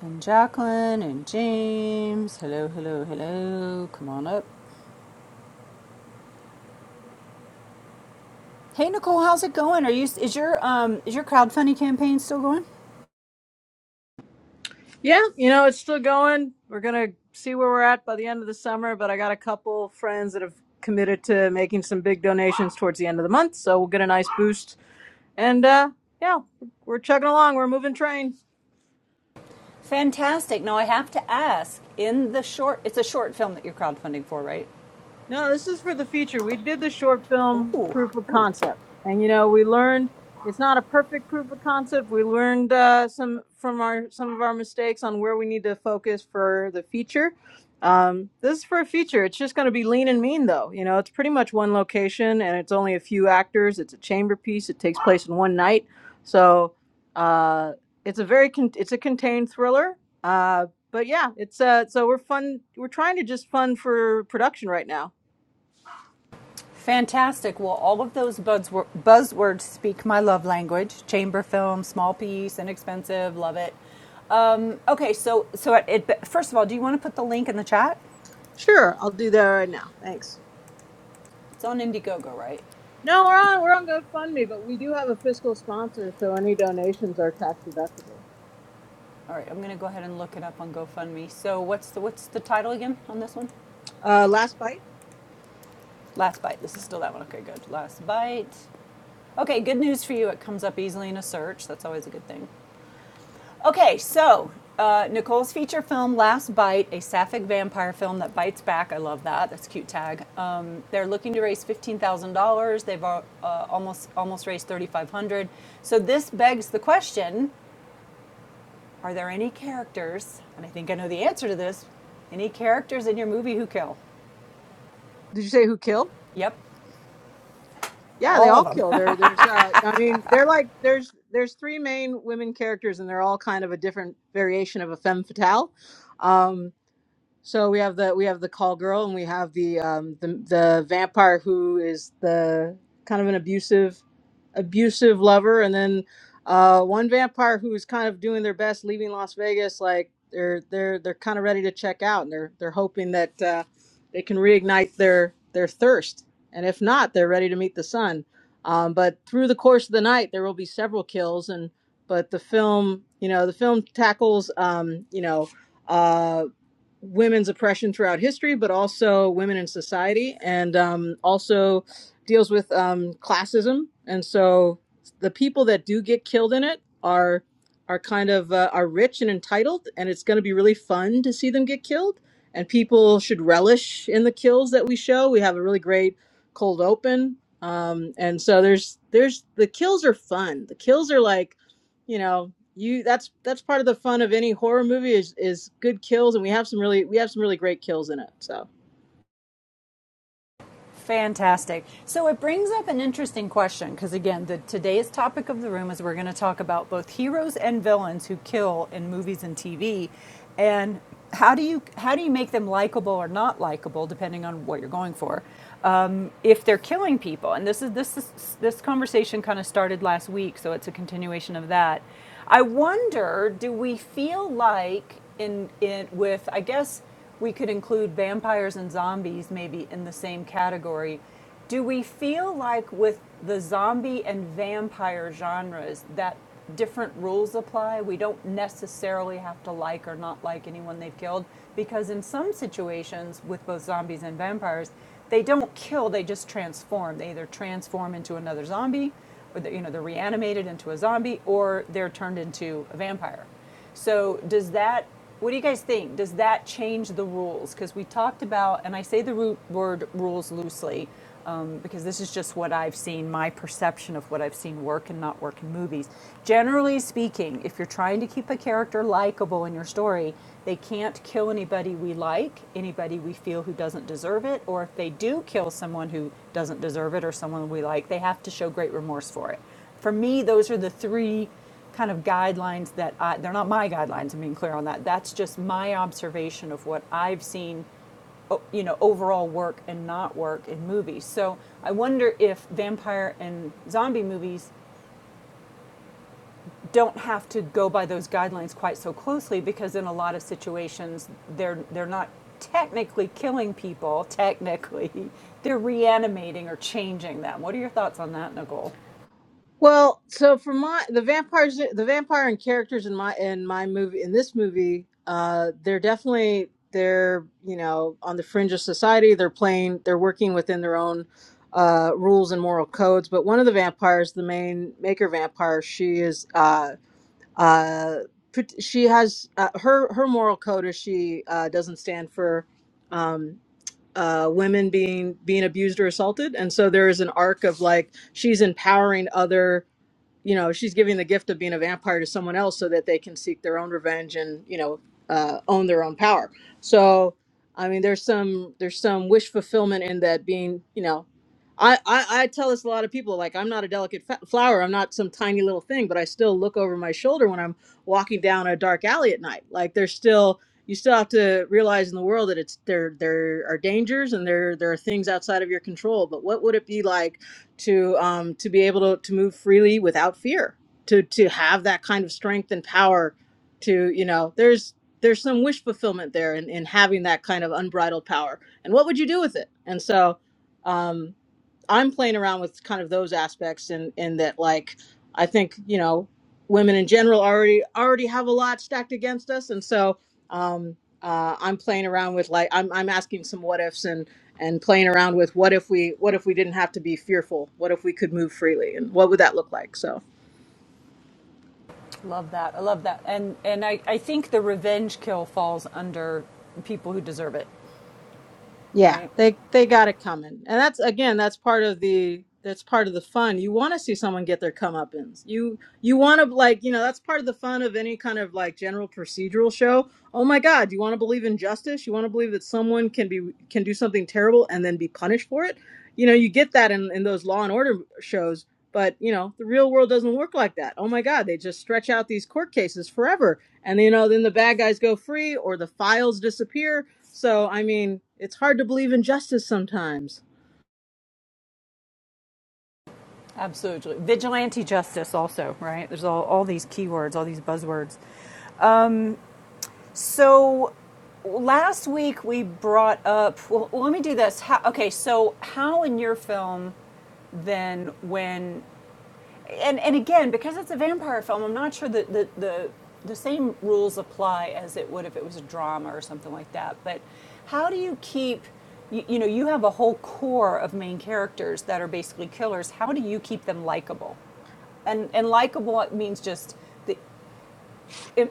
And Jacqueline and James. Hello, hello, hello. Come on up. Hey Nicole, how's it going? Are you is your um is your crowdfunding campaign still going? Yeah, you know, it's still going. We're going to see where we're at by the end of the summer, but I got a couple friends that have committed to making some big donations towards the end of the month, so we'll get a nice boost. And uh yeah, we're chugging along. We're a moving train. Fantastic. Now I have to ask, in the short it's a short film that you're crowdfunding for, right? No, this is for the future. We did the short film Ooh, proof of ooh. concept, and you know we learned it's not a perfect proof of concept. We learned uh, some from our some of our mistakes on where we need to focus for the future. Um, this is for a feature. It's just going to be lean and mean, though. You know, it's pretty much one location, and it's only a few actors. It's a chamber piece. It takes place in one night, so uh, it's a very con- it's a contained thriller. Uh, but yeah, it's uh, so we're fun. We're trying to just fund for production right now Fantastic. Well, all of those buzzwor- buzzwords speak my love language. Chamber film, small piece, inexpensive, love it. Um, okay, so so it, it, first of all, do you want to put the link in the chat? Sure, I'll do that right now. Thanks. It's on Indiegogo, right? No, we're on we're on GoFundMe, but we do have a fiscal sponsor, so any donations are tax deductible. All right, I'm going to go ahead and look it up on GoFundMe. So what's the what's the title again on this one? Uh, last bite. Last bite. This is Yeah. still that one. Okay, good. Last bite. Okay, good news for you. It comes up easily in a search. That's always a good thing. Okay, so uh, Nicole's feature film, Last Bite, a sapphic vampire film that bites back. I love that. That's a cute tag. Um, they're looking to raise fifteen thousand dollars. They've uh, uh, almost almost raised thirty five hundred. dollars So this begs the question Are there any characters, and I think I know the answer to this, any characters in your movie who kill? Did you say who killed? Yep, Yeah, they all all of them. kill. There, there's. Uh, I mean, they're like there's there's three main women characters, and they're all kind of a different variation of a femme fatale. Um, So we have the we have the call girl and we have the um the, the vampire who is the kind of an abusive abusive lover and then uh one vampire who is kind of doing their best leaving Las Vegas like they're they're they're kind of ready to check out and they're they're hoping that uh they can reignite their their thirst and if not they're ready to meet the sun. Um but through the course of the night there will be several kills and but the film, you know, the film tackles um you know uh women's oppression throughout history, but also women in society, and um, also deals with um, classism. And so the people that do get killed in it are are kind of uh, are rich and entitled, and it's going to be really fun to see them get killed. And people should relish in the kills that we show. We have a really great cold open, um, and so there's there's the kills are fun. The kills are like you know you that's that's part of the fun of any horror movie is is good kills and we have some really we have some really great kills in it so Fantastic. So it brings up an interesting question because, again, the, today's topic of the room is we're going to talk about both heroes and villains who kill in movies and TV, and how do you how do you make them likable or not likable depending on what you're going for, um, if they're killing people. And this is this is, this conversation kind of started last week, so it's a continuation of that. I wonder, do we feel like in in with I guess we could include vampires and zombies maybe in the same category. Do we feel like with the zombie and vampire genres that different rules apply? We don't necessarily have to like or not like anyone they've killed because in some situations with both zombies and vampires, they don't kill, they just transform. They either transform into another zombie or they, you know, they're reanimated into a zombie or they're turned into a vampire. So does that? What do you guys think? Does that change the rules? Because we talked about, and I say the root word rules loosely, um, because this is just what I've seen, my perception of what I've seen work and not work in movies. Generally speaking, if you're trying to keep a character likable in your story, they can't kill anybody we like, anybody we feel who doesn't deserve it, or if they do kill someone who doesn't deserve it or someone we like, they have to show great remorse for it. For me, those are the three kind of guidelines that I, they're not my guidelines. I'm being clear on that. That's just my observation of what I've seen, you know, overall work and not work in movies. So I wonder if vampire and zombie movies don't have to go by those guidelines quite so closely because in a lot of situations they're they're not technically killing people. Technically, they're reanimating or changing them. What are your thoughts on that, Nicole? well so for my the vampires the vampire and characters in my in my movie in this movie uh they're definitely they're you know on the fringe of society they're playing they're working within their own uh rules and moral codes but one of the vampires the main maker vampire she is uh uh pret- she has uh, her her moral code is she uh doesn't stand for um uh, women being being abused or assaulted, and so there is an arc of like she's empowering other you know she's giving the gift of being a vampire to someone else so that they can seek their own revenge and you know uh, own their own power so i mean there's some there's some wish fulfillment in that being you know i i, I tell this a lot of people like i'm not a delicate fa- flower i'm not some tiny little thing but i still look over my shoulder when i'm walking down a dark alley at night like there's still you still have to realize in the world that it's there there are dangers and there there are things outside of your control but what would it be like to um, to be able to, to move freely without fear to to have that kind of strength and power to you know there's there's some wish fulfillment there in, in having that kind of unbridled power and what would you do with it and so um, I'm playing around with kind of those aspects and in, in that like I think you know women in general already already have a lot stacked against us and so um, uh, I'm playing around with like I'm I'm asking some what ifs and and playing around with what if we what if we didn't have to be fearful what if we could move freely and what would that look like so Love that. I love that. And and I, I think the revenge kill falls under people who deserve it, Yeah, right? they they got it coming, and that's again that's part of the that's part of the fun. You want to see someone get their comeuppance. You you want to like you know that's part of the fun of any kind of like general procedural show. Oh my God, you want to believe in justice? You want to believe that someone can be can do something terrible and then be punished for it? You know you get that in in those Law and Order shows, but you know the real world doesn't work like that. Oh my God, they just stretch out these court cases forever and you know then the bad guys go free or the files disappear so i mean it's hard to believe in justice sometimes Absolutely. Vigilante justice also, right? There's all, all these keywords, all these buzzwords. So last week we brought up well let me do this. How, okay, so how in your film then when and and again, because it's a vampire film, I'm not sure that the, the the same rules apply as it would if it was a drama or something like that. But how do you keep you, you know, you have a whole core of main characters that are basically killers. How do you keep them likable? And and likable means just the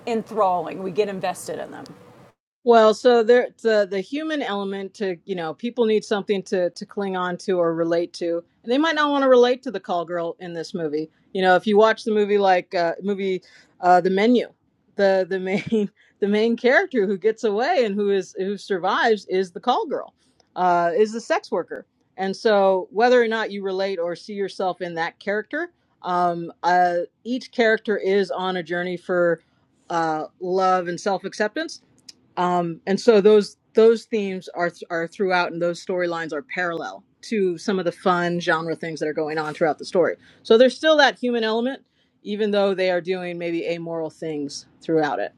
enthralling. We get invested in them. Well, so there the the human element to you know people need something to to cling on to or relate to, and they might not want to relate to the call girl in this movie. You know, if you watch the movie like uh, movie uh, The Menu, the the main the main character who gets away and who is who survives is the call girl, uh, is the sex worker, and so whether or not you relate or see yourself in that character, um, uh, each character is on a journey for uh, love and self acceptance um, and so those those themes are are throughout, and those storylines are parallel to some of the fun genre things that are going on throughout the story. So there's still that human element, even though they are doing maybe amoral things throughout it.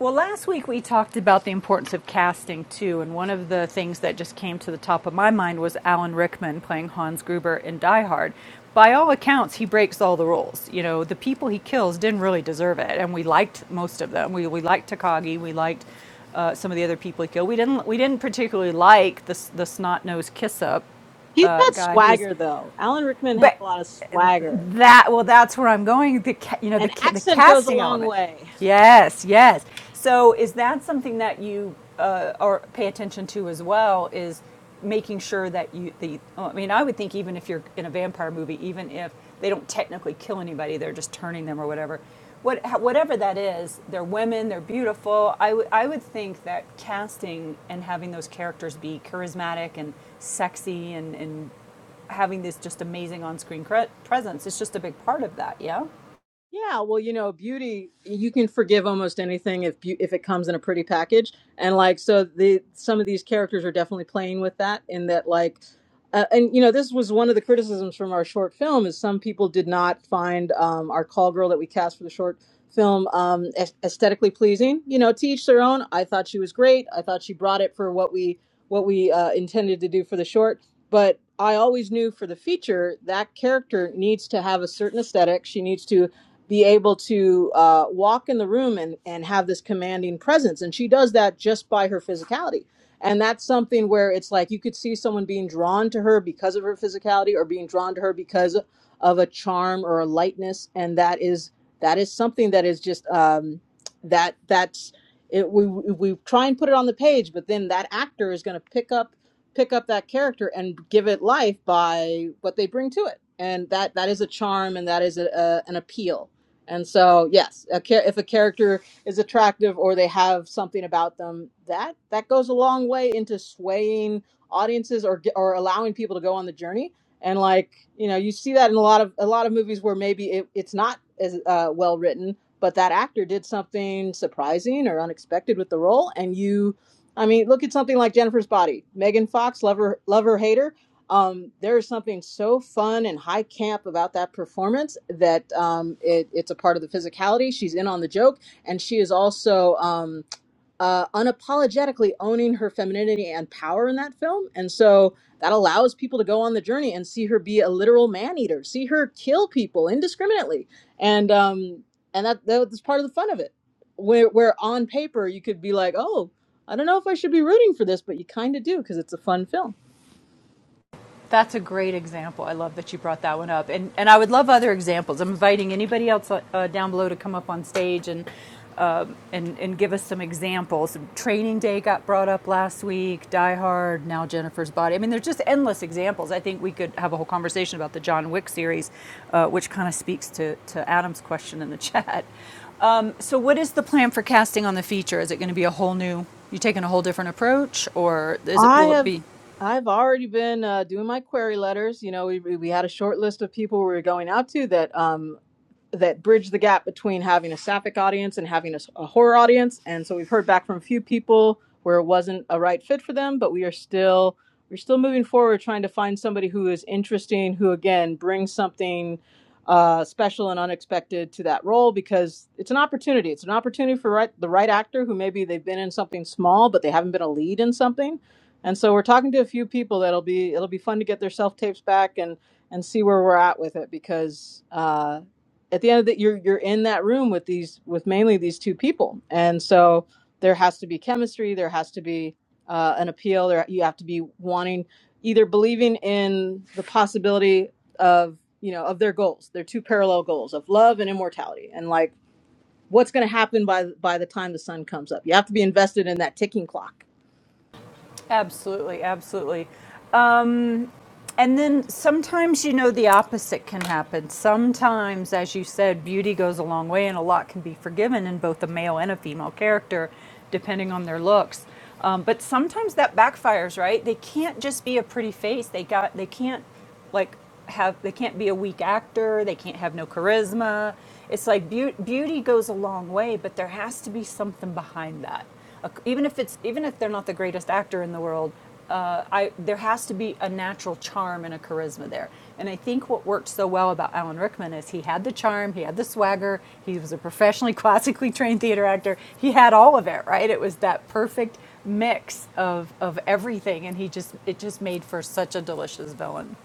Well, last week we talked about the importance of casting too, and one of the things that just came to the top of my mind was Alan Rickman playing Hans Gruber in Die Hard. By all accounts, he breaks all the rules. You know, the people he kills didn't really deserve it, and we liked most of them. We we liked Takagi, we liked uh, some of the other people he killed. We didn't we didn't particularly like the the snot nosed kiss up He's uh, got guy who was, swagger though. Alan Rickman had but a lot of swagger, that well, that's where I'm going. The you know the and the accent goes a casting long element. way. Yes, yes. So is that something that you uh, or pay attention to as well? Is making sure that you the I mean I would think even if you're in a vampire movie, even if they don't technically kill anybody, they're just turning them or whatever. What, whatever that is, they're women, they're beautiful. I would I would think that casting and having those characters be charismatic and sexy and, and having this just amazing on-screen cre- presence. It's just a big part of that, yeah. Yeah, well, you know, beauty, you can forgive almost anything if beau- if it comes in a pretty package. And like so the some of these characters are definitely playing with that in that like uh, and you know, this was one of the criticisms from our short film is some people did not find um, our call girl that we cast for the short film um, aes- aesthetically pleasing. You know, to each their own. I thought she was great. I thought she brought it for what we what we uh, intended to do for the short but I always knew for the feature that character needs to have a certain aesthetic. She needs to be able to uh, walk in the room and, and have this commanding presence. And she does that just by her physicality. And that's something where it's like you could see someone being drawn to her because of her physicality or being drawn to her because of a charm or a lightness. And that is that is something that is just um, that that's it. We, we we try and put it on the page, but then that actor is going to pick up pick up that character and give it life by what they bring to it. And that that is a charm and that is a, a, an appeal and so, yes, a char- if a character is attractive or they have something about them, that that goes a long way into swaying audiences or ge- or allowing people to go on the journey. And like you know, you see that in a lot of a lot of movies where maybe it, it's not as uh, well written, but that actor did something surprising or unexpected with the role, and you. I mean, look at something like Jennifer's Body. Megan Fox, lover, lover, hater um, there is something so fun and high camp about that performance that um, it, it's a part of the physicality. She's in on the joke, and she is also um, uh, unapologetically owning her femininity and power in that film. And so that allows people to go on the journey and see her be a literal man eater, see her kill people indiscriminately, and um, and that that's part of the fun of it. Where where on paper you could be like, oh, I don't know if I should be rooting for this, but you kind of do because it's a fun film. That's a great example. I love that you brought that one up. And, and I would love other examples. I'm inviting anybody else uh, uh, down below to come up on stage and, uh, and, and give us some examples. Training Day got brought up last week, Die Hard, now Jennifer's Body. I mean, there's just endless examples. I think we could have a whole conversation about the John Wick series, uh, which kind of speaks to, to Adam's question in the chat. Um, so, what is the plan for casting on the feature? Is it going to be a whole new, you taking a whole different approach, or is it, I will it have be I've already been uh, doing my query letters. You know, we we had a short list of people we were going out to that um that bridge the gap between having a sapphic audience and having a a horror audience and so we've heard back from a few people where it wasn't a right fit for them but we are still we're still moving forward trying to find somebody who is interesting who again brings something uh, special and unexpected to that role because it's an opportunity it's an opportunity for right, the right actor who maybe they've been in something small but they haven't been a lead in something and so we're talking to a few people that'll be it'll be fun to get their self tapes back and and see where we're at with it because uh, at the end of the you're you're in that room with these with mainly these two people and so there has to be chemistry there has to be uh, an appeal there you have to be wanting either believing in the possibility of you know of their goals their two parallel goals of love and immortality and like what's going to happen by by the time the sun comes up you have to be invested in that ticking clock Absolutely, absolutely. Um, and then sometimes, you know, the opposite can happen. Sometimes, as you said, beauty goes a long way, and a lot can be forgiven in both a male and a female character, depending on their looks. Um, but sometimes that backfires, right? They can't just be a pretty face. They got. They can't like have they can't be a weak actor they can't have no charisma it's like beau beauty goes a long way but there has to be something behind that A- even if it's even if they're not the greatest actor in the world uh, I, there has to be a natural charm and a charisma there and i think what worked so well about alan rickman is he had the charm he had the swagger he was a professionally classically trained theater actor he had all of it right it was that perfect mix of of everything and he just it just made for such a delicious villain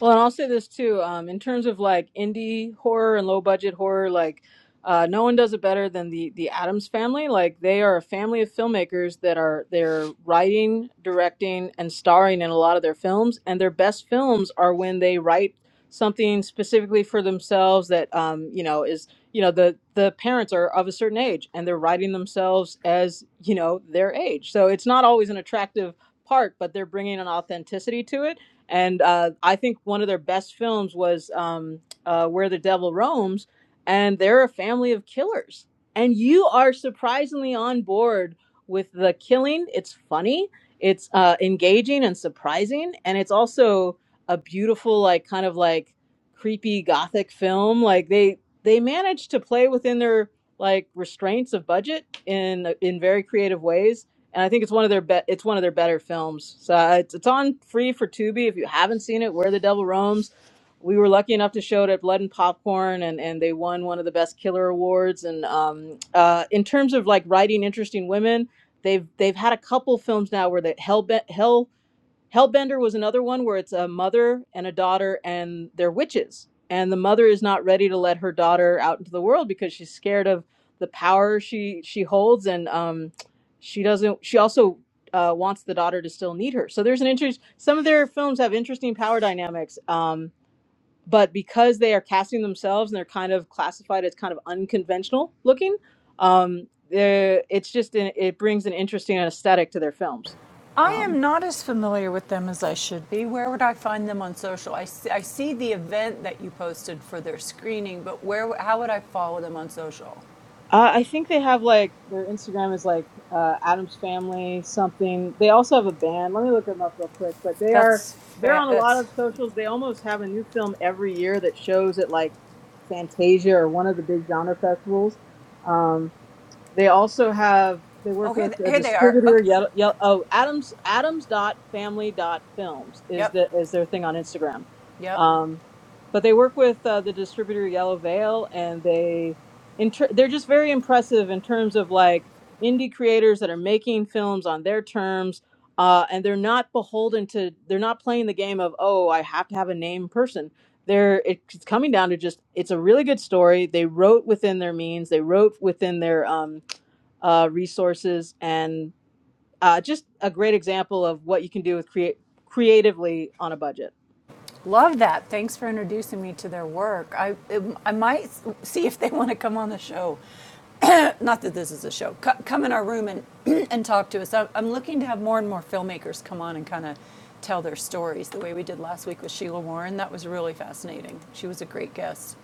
Well, and I'll say this too. Um, in terms of like indie horror and low budget horror, like uh, no one does it better than the the Adams family. Like they are a family of filmmakers that are they're writing, directing, and starring in a lot of their films. And their best films are when they write something specifically for themselves that um, you know is you know the the parents are of a certain age and they're writing themselves as you know their age. So it's not always an attractive part, but they're bringing an authenticity to it and uh, I think one of their best films was um, uh, Where the Devil Roams, and they're a family of killers. And you are surprisingly on board with the killing. It's funny, it's uh, engaging and surprising, and it's also a beautiful, like kind of like creepy gothic film. Like they they managed to play within their like restraints of budget in in very creative ways and I think it's one of their be- it's one of their better films. So uh, it's it's on free for Tubi if you haven't seen it. Where the Devil Roams. We were lucky enough to show it at Blood and Popcorn, and, and they won one of the best killer awards. And um, uh, in terms of like writing interesting women, they've they've had a couple films now where that Hell Hellbender was another one where it's a mother and a daughter and they're witches. And the mother is not ready to let her daughter out into the world because she's scared of the power she she holds and um she doesn't she also uh, wants the daughter to still need her. So there's an interest some of their films have interesting power dynamics. Um but because they are casting themselves and they're kind of classified as kind of unconventional looking, um, they're- it's just an, it brings an interesting aesthetic to their films. I Um, am not as familiar with them as I should be. Where would I find them on social? I see, I see the event that you posted for their screening, but where? How would I follow them on social? Uh, I think they have like their Instagram is like uh, Adam's Family something. They also have a band. Let me look them up real quick. But they are That's they're fa- on a lot that's. of socials. They almost have a new film every year that shows at like Fantasia or one of the big genre festivals. Um, they also have they Oh, work here, with th- a here they are. distributor. Okay. Yellow, yellow, oh, Adams Adams dot family dot films is Yep. the is their thing on Instagram. Yep. Um, but they work with uh, the distributor Yellow Veil, and they inter they're just very impressive in terms of like indie creators that are making films on their terms. Uh, and they're not beholden to they're not playing the game of oh i have to have a name person they're it's coming down to just it's a really good story they wrote within their means they wrote within their um uh, resources, and uh, just a great example of what you can do with create creatively on a budget. Love that. Thanks for introducing me to their work. I, I might see if they want to come on the show. Not that this is a show. Co- come in our room and, and talk to us. I- I'm looking to have more and more filmmakers come on and kind of tell their stories the way we did last week with Sheila Warren. That was really fascinating. She was a great guest.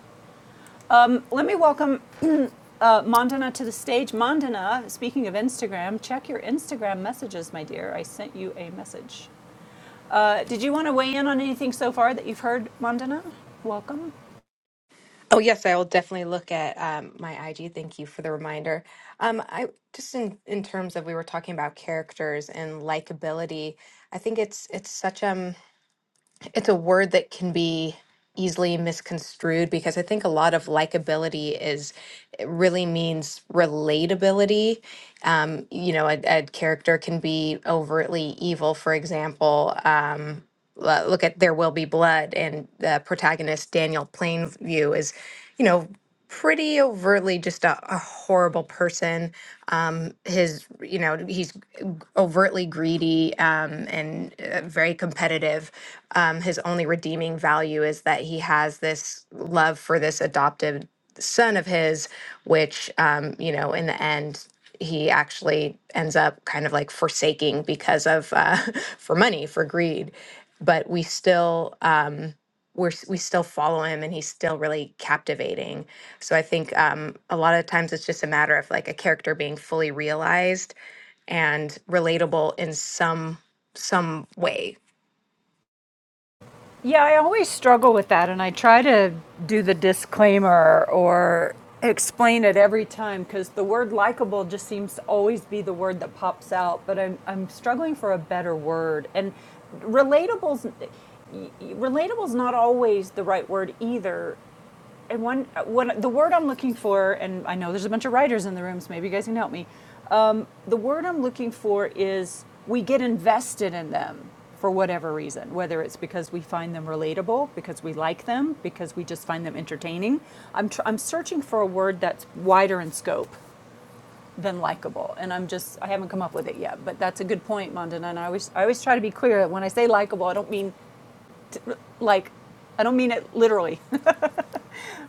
Um, let me welcome uh, Mandana to the stage. Mandana, speaking of Instagram, check your Instagram messages, my dear. I sent you a message. Uh, Did you want to weigh in on anything so far that you've heard, Vandana? Welcome. Oh, yes, I will definitely look at um, my IG. Thank you for the reminder. Um, I just in, in terms of we were talking about characters and likability, I think it's it's such um it's a word that can be easily misconstrued because I think a lot of likability is it really means relatability. Um, you know, a, a character can be overtly evil, for example. Um, uh, look at There Will Be Blood, and the protagonist Daniel Plainview is, you know, pretty overtly just a, a horrible person. Um, his, you know, he's overtly greedy um, and uh, very competitive. Um, his only redeeming value is that he has this love for this adopted son of his, which, um, you know, in the end, he actually ends up kind of like forsaking because of uh, for money for greed but we still um we're s- we still follow him and he's still really captivating so i think um a lot of times it's just a matter of like a character being fully realized and relatable in some some way Yeah, I always struggle with that, and I try to do the disclaimer or explain it every time because the word likable just seems to always be the word that pops out, but I'm, I'm struggling for a better word. And relatable's. Relatable's not always the right word either and one, one, the word I'm looking for, and I know there's a bunch of writers in the room, so maybe you guys can help me. Um, the word I'm looking for is we get invested in them for whatever reason, whether it's because we find them relatable, because we like them, because we just find them entertaining. I'm, tr- I'm searching for a word that's wider in scope than likable, and I'm just I haven't come up with it yet. But that's a good point, Mondana. And I always I always try to be clear that when I say likable, I don't mean like I don't mean it literally.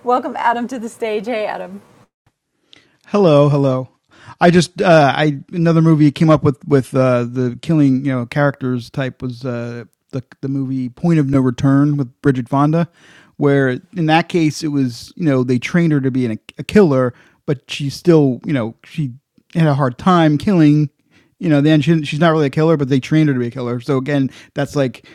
Welcome Adam to the stage. Hey Adam. Hello, hello. I just uh, I another movie came up with with uh, the killing you know characters type was uh, the the movie Point of No Return with Bridget Fonda, where in that case it was you know they trained her to be an, a killer, but she still you know she had a hard time killing. You know, then she, she's not really a killer, but they trained her to be a killer. So again, that's like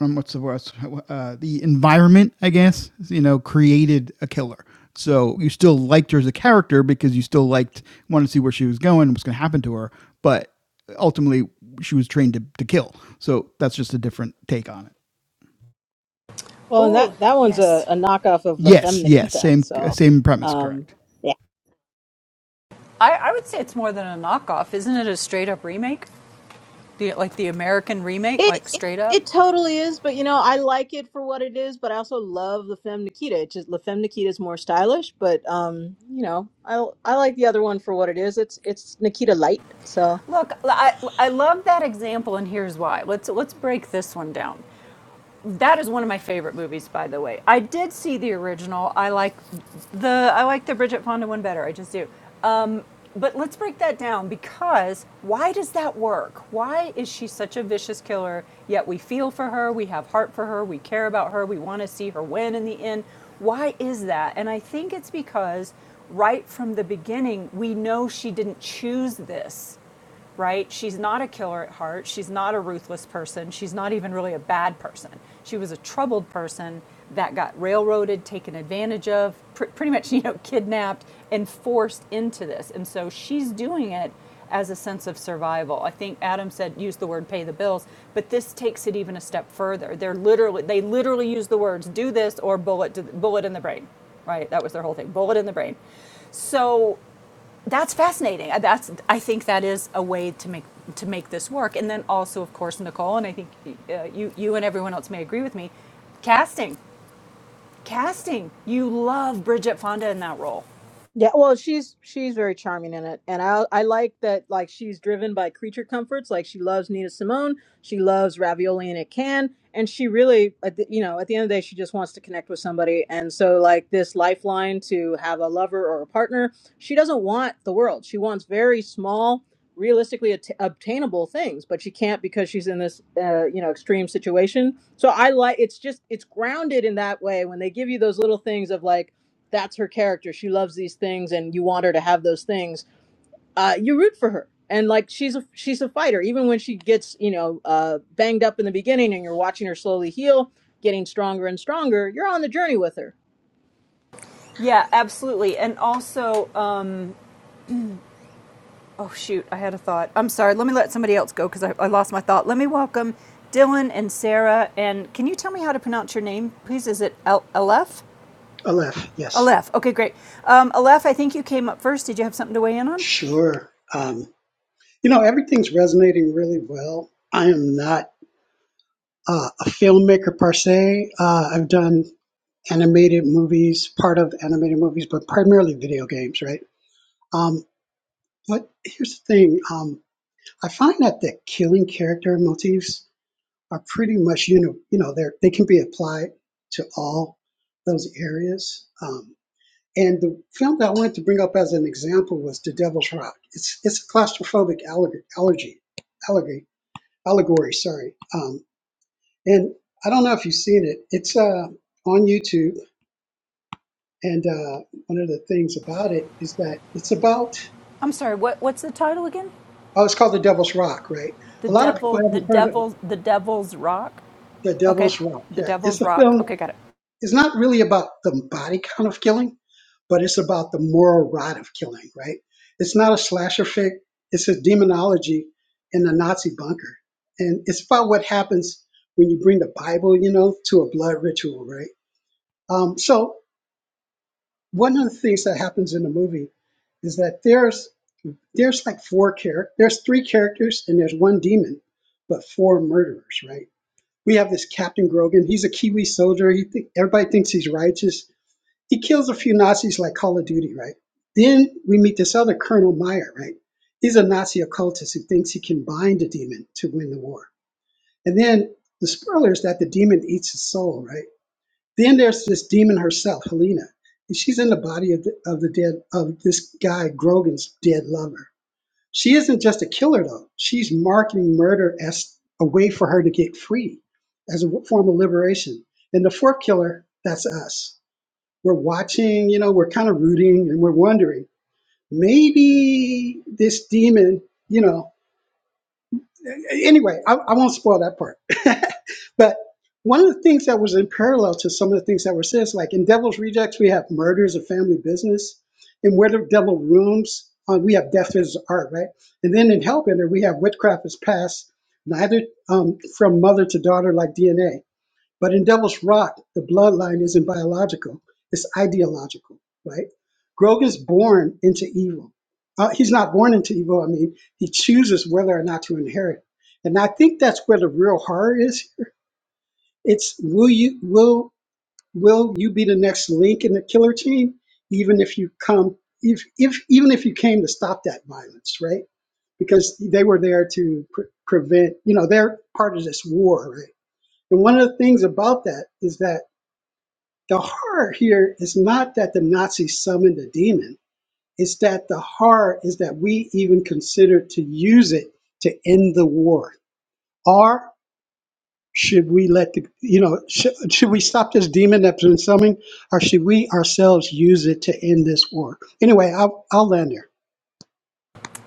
um, what's the word? Uh, the environment, I guess, you know, created a killer. So you still liked her as a character because you still liked, wanted to see where she was going, and what's going to happen to her. But ultimately, she was trained to, to kill. So that's just a different take on it. Well, and Oh, that that one's a, yes. a knockoff of La Yes, Femme yes, Nikita, same so same premise, um, correct. yeah, I, I would say it's more than a knockoff. Isn't it a straight up remake? The, like the American remake, it, like it straight up? it totally is. But you know, I like it for what it is, but I also love La Femme Nikita. It's just La Femme Nikita is more stylish, but um, you know, I I like the other one for what it is. It's it's Nikita light, so. Look, I, I love that example, and here's why. Let's, let's break this one down. that is one of my favorite movies, by the way. I did see the original. I like the I like the Bridget Fonda one better. I just do. Um, but let's break that down because why does that work? Why is she such a vicious killer? Yet we feel for her, we have heart for her, we care about her, we want to see her win in the end. Why is that? And I think it's because right from the beginning we know she didn't choose this right? She's not a killer at heart. She's not a ruthless person. She's not even really a bad person. She was a troubled person that got railroaded, taken advantage of, pr- pretty much, you know, kidnapped and forced into this. And so she's doing it as a sense of survival. I think Adam said use the word pay the bills, but this takes it even a step further. They're literally they literally use the words do this or bullet bullet in the brain. Right? That was their whole thing. Bullet in the brain. So that's fascinating. Uh, That's I think that is a way to make to make this work. And then also, of course, Nicole, and I think uh, you you and everyone else may agree with me. Casting, casting. You love Bridget Fonda in that role. Yeah, well, she's she's very charming in it, and I I like that like she's driven by creature comforts. Like she loves Nina Simone, she loves ravioli in a can, and she really, at the, you know, at the end of the day, she just wants to connect with somebody. And so, like this lifeline to have a lover or a partner, she doesn't want the world. She wants very small, realistically at- obtainable things, but she can't because she's in this uh, you know extreme situation. So I like it's just it's grounded in that way when they give you those little things of like that's her character. She loves these things, and you want her to have those things. Uh, you root for her, and like she's a she's a fighter. Even when she gets you know uh, banged up in the beginning, and you're watching her slowly heal, getting stronger and stronger, you're on the journey with her. Yeah, absolutely. And also, um, oh shoot, I had a thought. I'm sorry. Let me let somebody else go because I, I lost my thought. Let me welcome Dylan and Sarah. And can you tell me how to pronounce your name, please? Is it Al- Aleph? Aleph, yes. Aleph. Okay, great. Um, Aleph, I think you came up first. Did you have something to weigh in on? Sure. Um, you know, everything's resonating really well. I am not uh, a filmmaker per se. Uh, I've done animated movies, part of animated movies, but primarily video games, right? Um, but here's the thing um, I find that the killing character motifs are pretty much, you know, you know, they're, they can be applied to all those areas. Um, And the film that I wanted to bring up as an example was The Devil's Rock. It's it's a claustrophobic allergy, allergy allegory, allegory. Sorry. Um, and I don't know if you've seen it. It's uh, on YouTube. And uh, one of the things about it is that it's about I'm sorry. What what's the title again? oh, it's called The Devil's Rock, right? The A lot of people devil, the haven't heard of it. devil, the devil's rock. The Okay, Devil's Rock. the Yeah, it's devil's a rock. film Okay, got it. it's not really about the body count of killing, but it's about the moral rot of killing, right? It's not a slasher fic, it's a demonology in the Nazi bunker. And it's about what happens when you bring the Bible, you know, to a blood ritual, right? Um, so one of the things that happens in the movie is that there's there's like four characters, there's three characters and there's one demon, but four murderers, right? We have this Captain Grogan. He's a Kiwi soldier. He think everybody thinks he's righteous he kills a few Nazis like Call of Duty, right? Then we meet this other Colonel Meyer, right? He's a Nazi occultist who thinks he can bind a demon to win the war. And then the spoiler is that the demon eats his soul, right? Then there's this demon herself, Helena, and she's in the body of the, of the dead of this guy Grogan's dead lover. She isn't just a killer though; she's marketing murder as a way for her to get free, as a form of liberation. And the fourth killer, that's us we're watching, you know, we're kind of rooting and we're wondering maybe this demon, you know, anyway, I, I won't spoil that part. but one of the things that was in parallel to some of the things that were said, is like in Devil's Rejects, we have murders of family business. In Where the Devil Rooms, uh, we have Death is Art, right? And then in Hellbender, we have Witchcraft is Passed, neither um, from mother to daughter like DNA. But in Devil's Rock, the bloodline isn't biological, it's ideological, right? Grogan's born into evil. Uh, he's not born into evil, I mean, he chooses whether or not to inherit. And I think that's where the real horror is here. It's will you will will you be the next link in the killer team, even if you come if if even if you came to stop that violence, right? Because they were there to pre- prevent, you know, they're part of this war, right? And one of the things about that is that the horror here is not that the Nazis summoned a demon, it's that the horror is that we even considered to use it to end the war. Or should we let the, you know, sh- should we stop this demon that's been summoned, or should we ourselves use it to end this war? Anyway, I'll, I'll land there.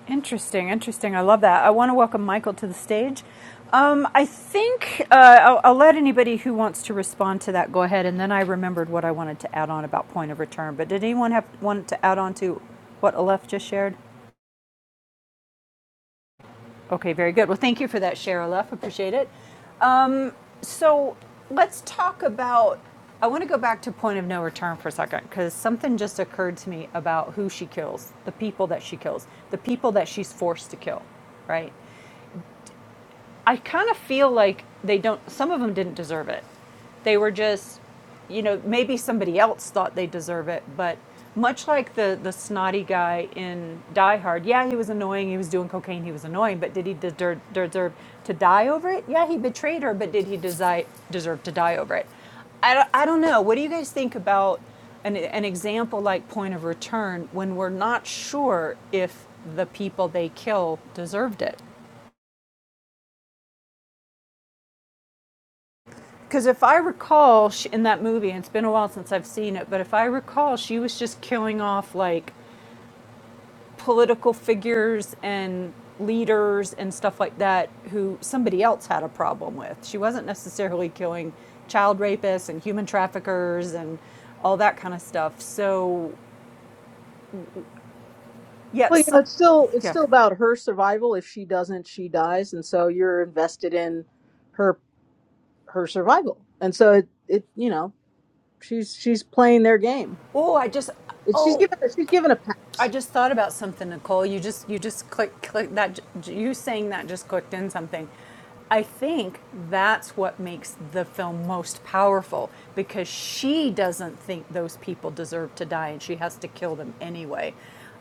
Interesting, interesting. I love that. I want to welcome Michael to the stage. Um, I think uh, I'll, I'll let anybody who wants to respond to that go ahead, and then I remembered what I wanted to add on about point of return. But did anyone have wanted to add on to what Aleph just shared? Okay, very good. Well, thank you for that, Cheryl F. Appreciate it. Um, so let's talk about. I want to go back to point of no return for a second because something just occurred to me about who she kills, the people that she kills, the people that she's forced to kill, right? I kind of feel like they don't. Some of them didn't deserve it. They were just, you know, maybe somebody else thought they deserve it, but much like the the snotty guy in Die Hard, yeah, he was annoying. He was doing cocaine. He was annoying, but did he deserve, deserve to die over it? Yeah, he betrayed her, but did he desi- deserve to die over it? I don't, I don't know. What do you guys think about an, an example like point of return when we're not sure if the people they kill deserved it? Because if I recall sh in that movie, and it's been a while since I've seen it, but if I recall, she was just killing off like political figures and leaders and stuff like that who somebody else had a problem with. She wasn't necessarily killing child rapists and human traffickers and all that kind of stuff. So, Well, you yes, yeah, know, so- it's still it's yeah. still about her survival. If she doesn't, she dies, and so you're invested in her her survival. And so it, it you know she's she's playing their game. Oh, I just, It, she's oh, given she's given a pass. I just thought about something, Nicole. You just you just click click that j- you saying that just clicked in something. I think that's what makes the film most powerful because she doesn't think those people deserve to die and she has to kill them anyway.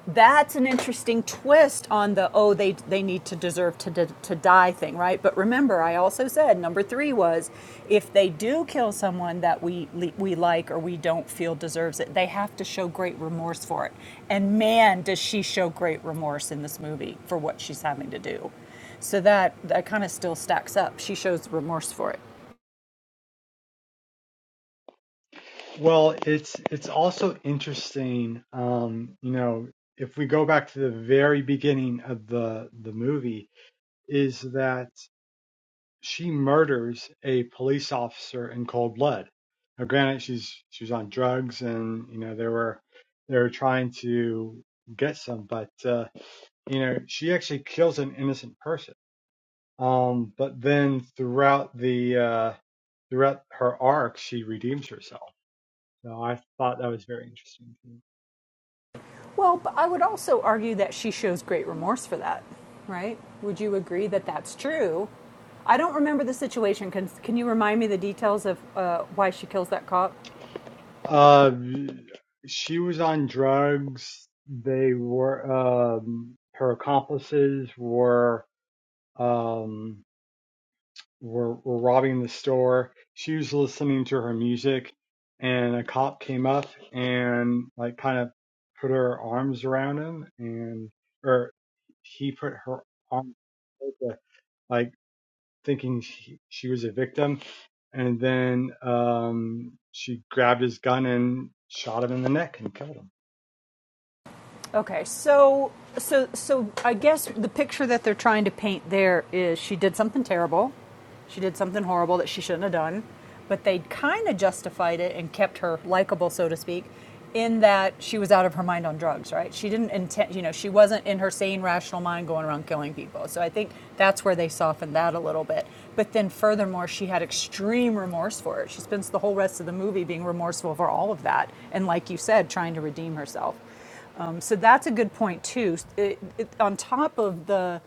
That's an interesting twist on the oh they they need to deserve to, to to die thing, right? But remember, I also said number 3 was if they do kill someone that we we like or we don't feel deserves it, they have to show great remorse for it. And man, does she show great remorse in this movie for what she's having to do. So that that kind of still stacks up. She shows remorse for it. Well, it's it's also interesting, um, you know, if we go back to the very beginning of the the movie, is that she murders a police officer in cold blood. Now, granted, she's she's on drugs, and you know they were they were trying to get some, but uh, you know she actually kills an innocent person. Um, but then throughout the uh, throughout her arc, she redeems herself. So I thought that was very interesting. too. Well, but I would also argue that she shows great remorse for that, right? Would you agree that that's true? I don't remember the situation. Can, can you remind me the details of uh, why she kills that cop? Uh, she was on drugs. They were um, her accomplices were um, were were robbing the store. She was listening to her music, and a cop came up and like kind of put her arms around him, and or he put her arm like thinking she, she was a victim, and then um, she grabbed his gun and shot him in the neck and killed him. Okay, so so so I guess the picture that they're trying to paint there is she did something terrible. She did something horrible that she shouldn't have done, but they kind of justified it and kept her likable, so to speak, in that she was out of her mind on drugs, right? She didn't intend, you know, she wasn't in her sane, rational mind going around killing people. So I think that's where they softened that a little bit. But then, furthermore, she had extreme remorse for it. She spends the whole rest of the movie being remorseful for all of that. And, like you said, trying to redeem herself. Um, so that's a good point too. It, it, on top of the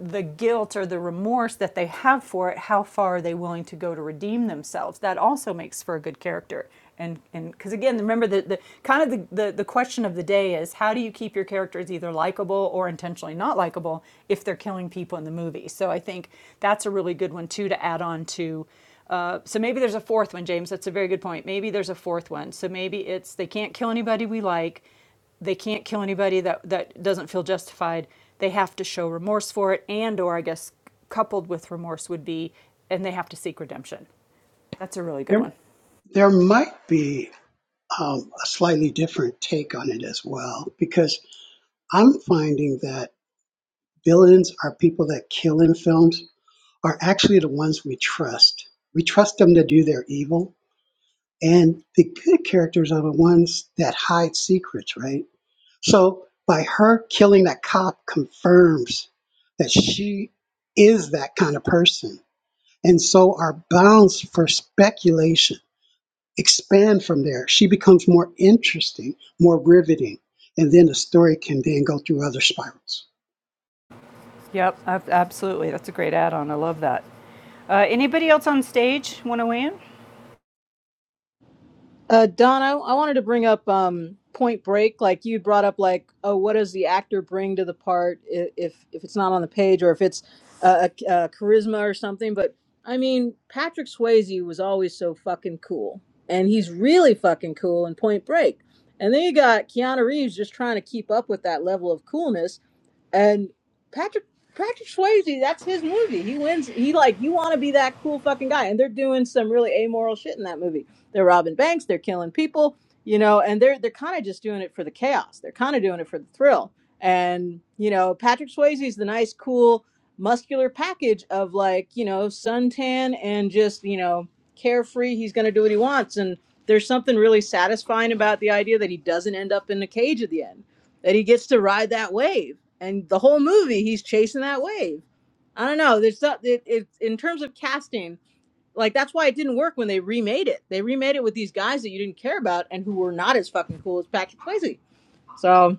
the guilt or the remorse that they have for it, how far are they willing to go to redeem themselves? That also makes for a good character. And and because again, remember the, the kind of the, the, the question of the day is how do you keep your characters either likable or intentionally not likable if they're killing people in the movie? So I think that's a really good one too to add on to uh, so maybe there's a fourth one, James. That's a very good point. Maybe there's a fourth one. So maybe it's they can't kill anybody we like they can't kill anybody that that doesn't feel justified they have to show remorse for it and or i guess coupled with remorse would be and they have to seek redemption that's a really good There, one there might be um, a slightly different take on it as well, because I'm finding that villains are people that kill in films are actually the ones we trust. We trust them to do their evil, and the good characters are the ones that hide secrets, right? So by her killing that cop confirms that she is that kind of person. And so our bounds for speculation expand from there. She becomes more interesting, more riveting, and then the story can then go through other spirals. Yep, absolutely. That's a great add on. I love that. Uh, anybody else on stage want to weigh in? Uh, Don, I, I wanted to bring up um, Point Break. Like you brought up, like, oh, what does the actor bring to the part i- if if it's not on the page or if it's uh, a, a charisma or something? But I mean, Patrick Swayze was always so fucking cool, and he's really fucking cool in Point Break. And then you got Keanu Reeves just trying to keep up with that level of coolness and Patrick Patrick Swayze, that's his movie. He wins. He like you want to be that cool fucking guy, and they're doing some really amoral shit in that movie. They're robbing banks, they're killing people, you know, and they're they're kind of just doing it for the chaos. They're kind of doing it for the thrill. And you know, Patrick Swayze's the nice, cool, muscular package of like you know suntan and just you know carefree. He's gonna do what he wants, and there's something really satisfying about the idea that he doesn't end up in a cage at the end that he gets to ride that wave and the whole movie he's chasing that wave i don't know there's not it, it in terms of casting like that's why it didn't work when they remade it they remade it with these guys that you didn't care about and who were not as fucking cool as patrick swayze so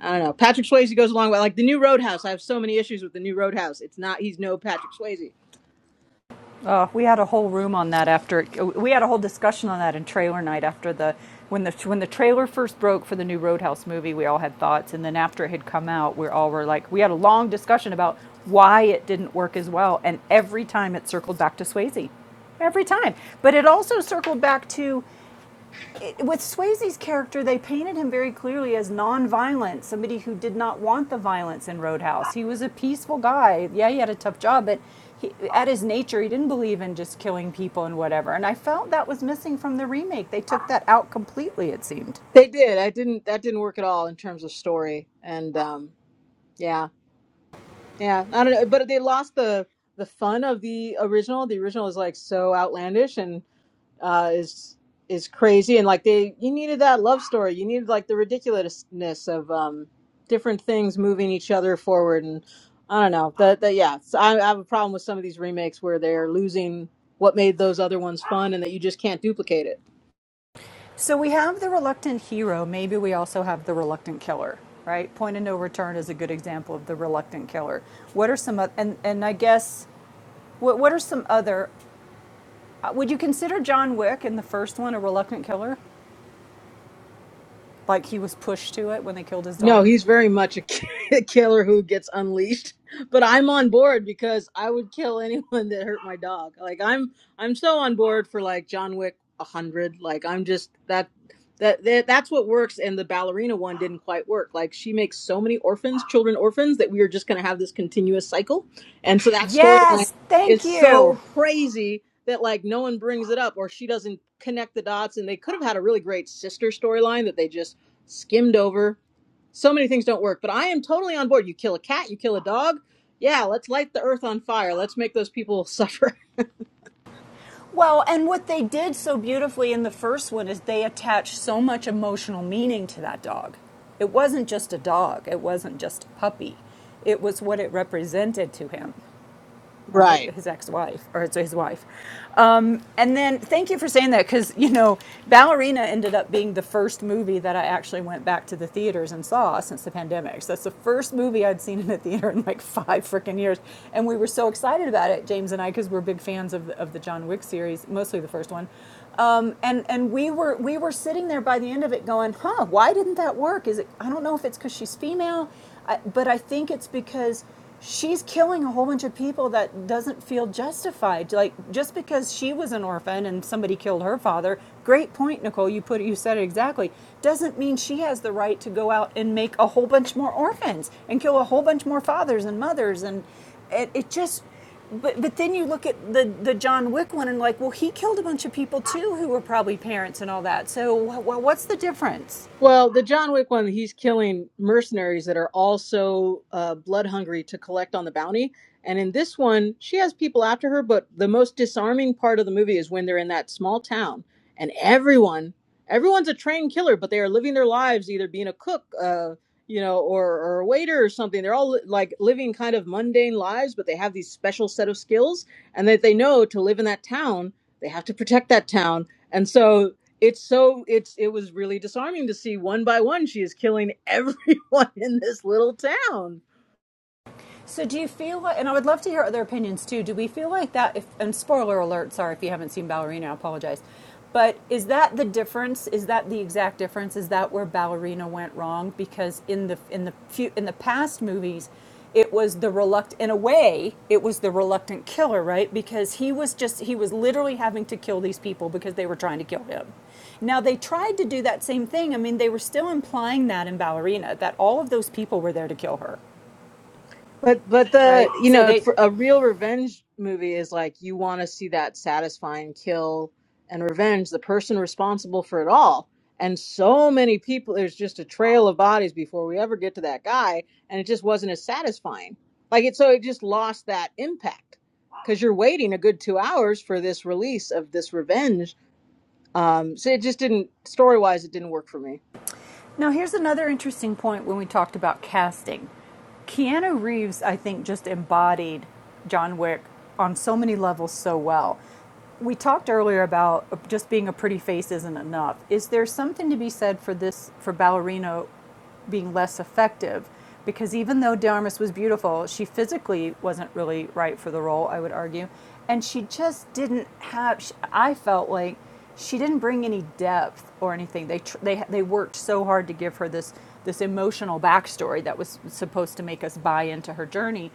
i don't know patrick swayze goes along with like the new roadhouse i have so many issues with the new roadhouse it's not he's no patrick swayze Oh, we had a whole room on that after we had a whole discussion on that in trailer night after the when the when the trailer first broke for the new Roadhouse movie, we all had thoughts, and then after it had come out, we all were like we had a long discussion about why it didn't work as well, and every time it circled back to Swayze, every time. But it also circled back to with Swayze's character, they painted him very clearly as non-violent, somebody who did not want the violence in Roadhouse. He was a peaceful guy. Yeah, he had a tough job, but he, at his nature, he didn't believe in just killing people and whatever. And I felt that was missing from the remake. They took that out completely, it seemed. they did i didn't that didn't work at all in terms of story and um yeah Yeah, I don't know, but they lost the the fun of the original. The original is like so outlandish and uh, is is crazy, and like they you needed that love story. You needed like the ridiculousness of um, different things moving each other forward, and I don't know that that yeah. So I, I have a problem with some of these remakes where they're losing what made those other ones fun, and that you just can't duplicate it. So we have the reluctant hero. Maybe we also have the reluctant killer, right? Point of No Return is a good example of the reluctant killer. What are some, and, and I guess, what, what are some other Uh, Would you consider John Wick in the first one a reluctant killer? Like he was pushed to it when they killed his No, dog? he's very much a ki- killer who gets unleashed. But I'm on board because I would kill anyone that hurt my dog. Like I'm, I'm so on board for like John Wick a hundred. Like I'm just that, that that that's what works. And the ballerina one didn't quite work. Like she makes so many orphans, children orphans, that we are just going to have this continuous cycle. And so that storyline Yes, thank is you. so crazy that like no one brings it up or she doesn't connect the dots. And they could have had a really great sister storyline that they just skimmed over so many things don't work but i am totally on board you kill a cat you kill a dog yeah let's light the earth on fire let's make those people suffer Well, and what they did so beautifully in the first one is they attached so much emotional meaning to that dog. It wasn't just a dog, it wasn't just a puppy, it was what it represented to him. Right. right? His ex-wife, or it's his wife. Um, and then, thank you for saying that, because you know, Ballerina ended up being the first movie that I actually went back to the theaters and saw since the pandemic. So that's the first movie I'd seen in the theater in like five freaking years, and we were so excited about it, James and I, because we're big fans of the, of the John Wick series, mostly the first one. Um, and and we were we were sitting there by the end of it, going, "Huh? Why didn't that work? Is it? I don't know if it's because she's female, I, but I think it's because." she's killing a whole bunch of people that doesn't feel justified. Like just because she was an orphan and somebody killed her father, great point, Nicole. You put it, you said it exactly. Doesn't mean she has the right to go out and make a whole bunch more orphans and kill a whole bunch more fathers and mothers and it, it just. But, but then you look at the, the John Wick one and like, well, he killed a bunch of people too who were probably parents and all that. So, well, what's the difference? Well, the John Wick one, he's killing mercenaries that are also uh, blood hungry to collect on the bounty. And in this one, she has people after her, but the most disarming part of the movie is when they're in that small town and everyone, everyone's a trained killer, but they are living their lives either being a cook, uh, you know, or, or a waiter or something. They're all li- like living kind of mundane lives, but they have these special set of skills and that they know to live in that town, they have to protect that town. And so it's so it's it was really disarming to see one by one she is killing everyone in this little town So do you feel like, and I would love to hear other opinions too. Do we feel like that? If and spoiler alert, sorry if you haven't seen Ballerina, I apologize. But is that the difference? Is that the exact difference? Is that where Ballerina went wrong? Because in the in the few in the past movies, it was the reluctant. In a way, it was the reluctant killer, right? Because he was just he was literally having to kill these people because they were trying to kill him. Now they tried to do that same thing. I mean, they were still implying that in Ballerina that all of those people were there to kill her but but the right? you So know they for a real revenge movie is like you want to see that satisfying kill and revenge the person responsible for it all and so many people there's just a trail of bodies before we ever get to that guy and it just wasn't as satisfying like it so it just lost that impact because you're waiting a good two hours for this release of this revenge Um, so it just didn't story wise, it didn't work for me. Now, here's another interesting point when we talked about casting. Keanu Reeves, I think, just embodied John Wick on so many levels so well. We talked earlier about just being a pretty face isn't enough. Is there something to be said for this for ballerino being less effective because even though De Armas was beautiful, she physically wasn't really right for the role, I would argue. And she just didn't have, sh I felt like she didn't bring any depth or anything. They, tr- they, they worked so hard to give her this, this emotional backstory that was supposed to make us buy into her journey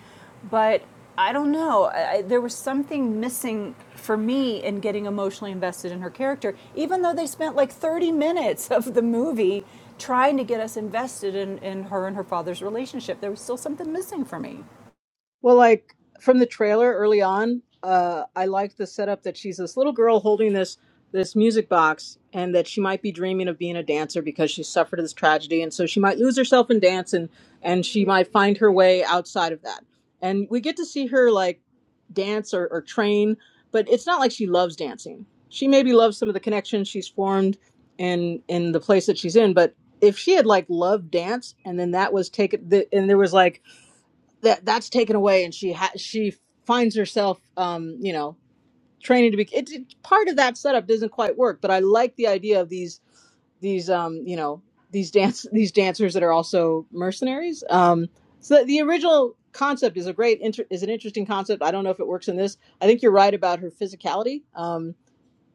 but I don't know. I, there was something missing for me in getting emotionally invested in her character, even though they spent like 30 minutes of the movie trying to get us invested in, in her and her father's relationship. There was still something missing for me. Well, like from the trailer early on, uh, I liked the setup that she's this little girl holding this this music box, and that she might be dreaming of being a dancer because she suffered this tragedy, and so she might lose herself in dance, and and she might find her way outside of that. And we get to see her like dance or, or train, but it's not like she loves dancing. She maybe loves some of the connections she's formed in in the place that she's in, but if she had like loved dance and then that was taken, the, and there was like that that's taken away and she ha- she finds herself um you know training to be it, it- part of that setup doesn't quite work but i like the idea of these these um you know these dance these dancers that are also mercenaries um so the original concept is a great inter- is an interesting concept i don't know if it works in this i think you're right about her physicality Um,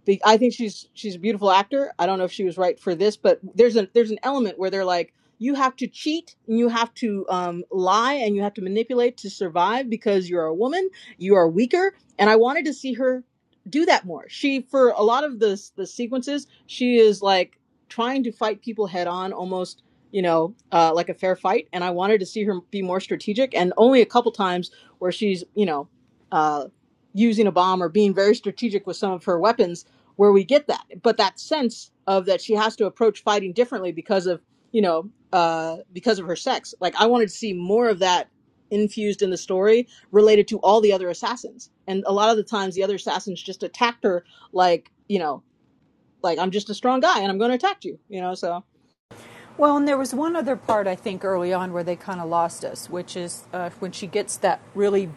be- I think she's she's a beautiful actor. I don't know if she was right for this, but there's a there's an element where they're like you have to cheat and you have to um, lie and you have to manipulate to survive because you're a woman, you are weaker, and I wanted to see her do that more. She for a lot of the the sequences, she is like trying to fight people head on almost you know uh, like a fair fight and i wanted to see her be more strategic and only a couple times where she's you know uh, using a bomb or being very strategic with some of her weapons where we get that but that sense of that she has to approach fighting differently because of you know uh because of her sex like i wanted to see more of that infused in the story related to all the other assassins and a lot of the times the other assassins just attacked her like you know like i'm just a strong guy and i'm going to attack you you know so Well, and there was one other part I think early on where they kind of lost us, which is uh, when she gets that really,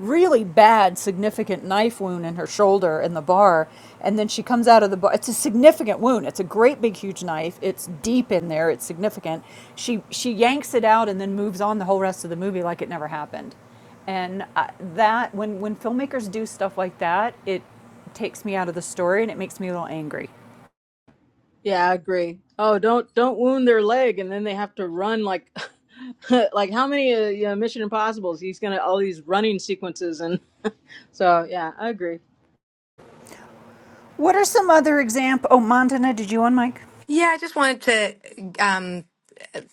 really bad significant knife wound in her shoulder in the bar, and then she comes out of the bar. It's a significant wound. It's a great big huge knife. It's deep in there. It's significant. She she yanks it out and then moves on the whole rest of the movie like it never happened, and uh, that when when filmmakers do stuff like that, it takes me out of the story and it makes me a little angry. yeah i agree oh don't don't wound their leg and then they have to run like like how many uh, you know, mission impossibles he's gonna all these running sequences and so yeah i agree What are some other examples? Oh, Montana, did you on Mike? yeah i just wanted to um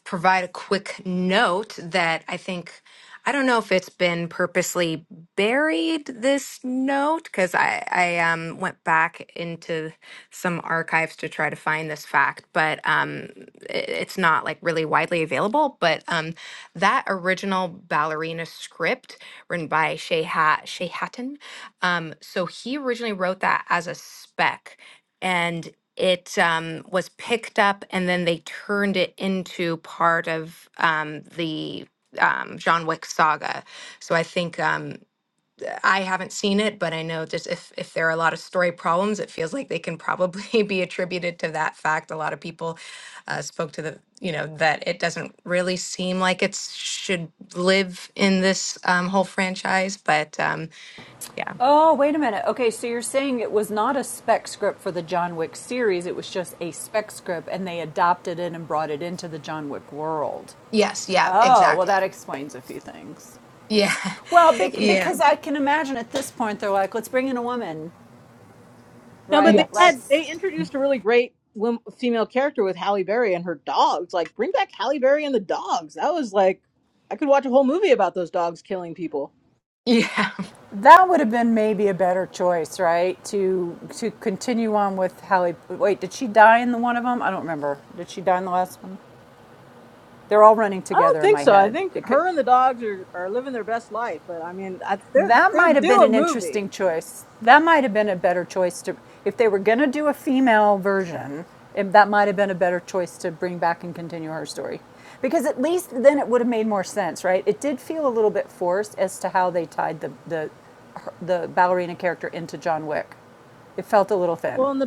provide a quick note that I think I don't know if it's been purposely buried this note because I I um, went back into some archives to try to find this fact, but um, it, it's not like really widely available. But um, that original ballerina script written by Shea, Hat- Shea Hatton, um, so he originally wrote that as a spec. and it um, was picked up and then they turned it into part of um, the um, John Wick saga. So I think um, I haven't seen it, but I know just if if there are a lot of story problems, it feels like they can probably be attributed to that fact. A lot of people uh, spoke to the you know that it doesn't really seem like it should live in this um, whole franchise, but um, yeah. Oh, wait a minute. Okay, so you're saying it was not a spec script for the John Wick series, it was just a spec script and they adopted it and brought it into the John Wick world. Yes. Yeah. Oh, well, Exactly. that explains a few things. Yeah. Well, bec- Yeah. because I can imagine at this point they're like, let's bring in a woman, No, but they right? Yes. had Let's. they introduced a really great wom- female character with Halle Berry and her dogs. Like, bring back Halle Berry and the dogs. That was like, I could watch a whole movie about those dogs killing people. Yeah. That would have been maybe a better choice, right? To to continue on with Halle. Wait, did she die in the one of them? I don't remember. Did she die in the last one? They're all running I don't together in think my so. I head. think It could, her and the dogs are, are living their best life. But I mean, I, they're That they're might have due been a an movie. interesting choice. That might have been a better choice to, if they were going to do a female version, it, that might have been a better choice to bring back and continue her story. Because at least then it would have made more sense, right? It did feel a little bit forced as to how they tied the, the, the ballerina character into John Wick. It felt a little thin Well, and the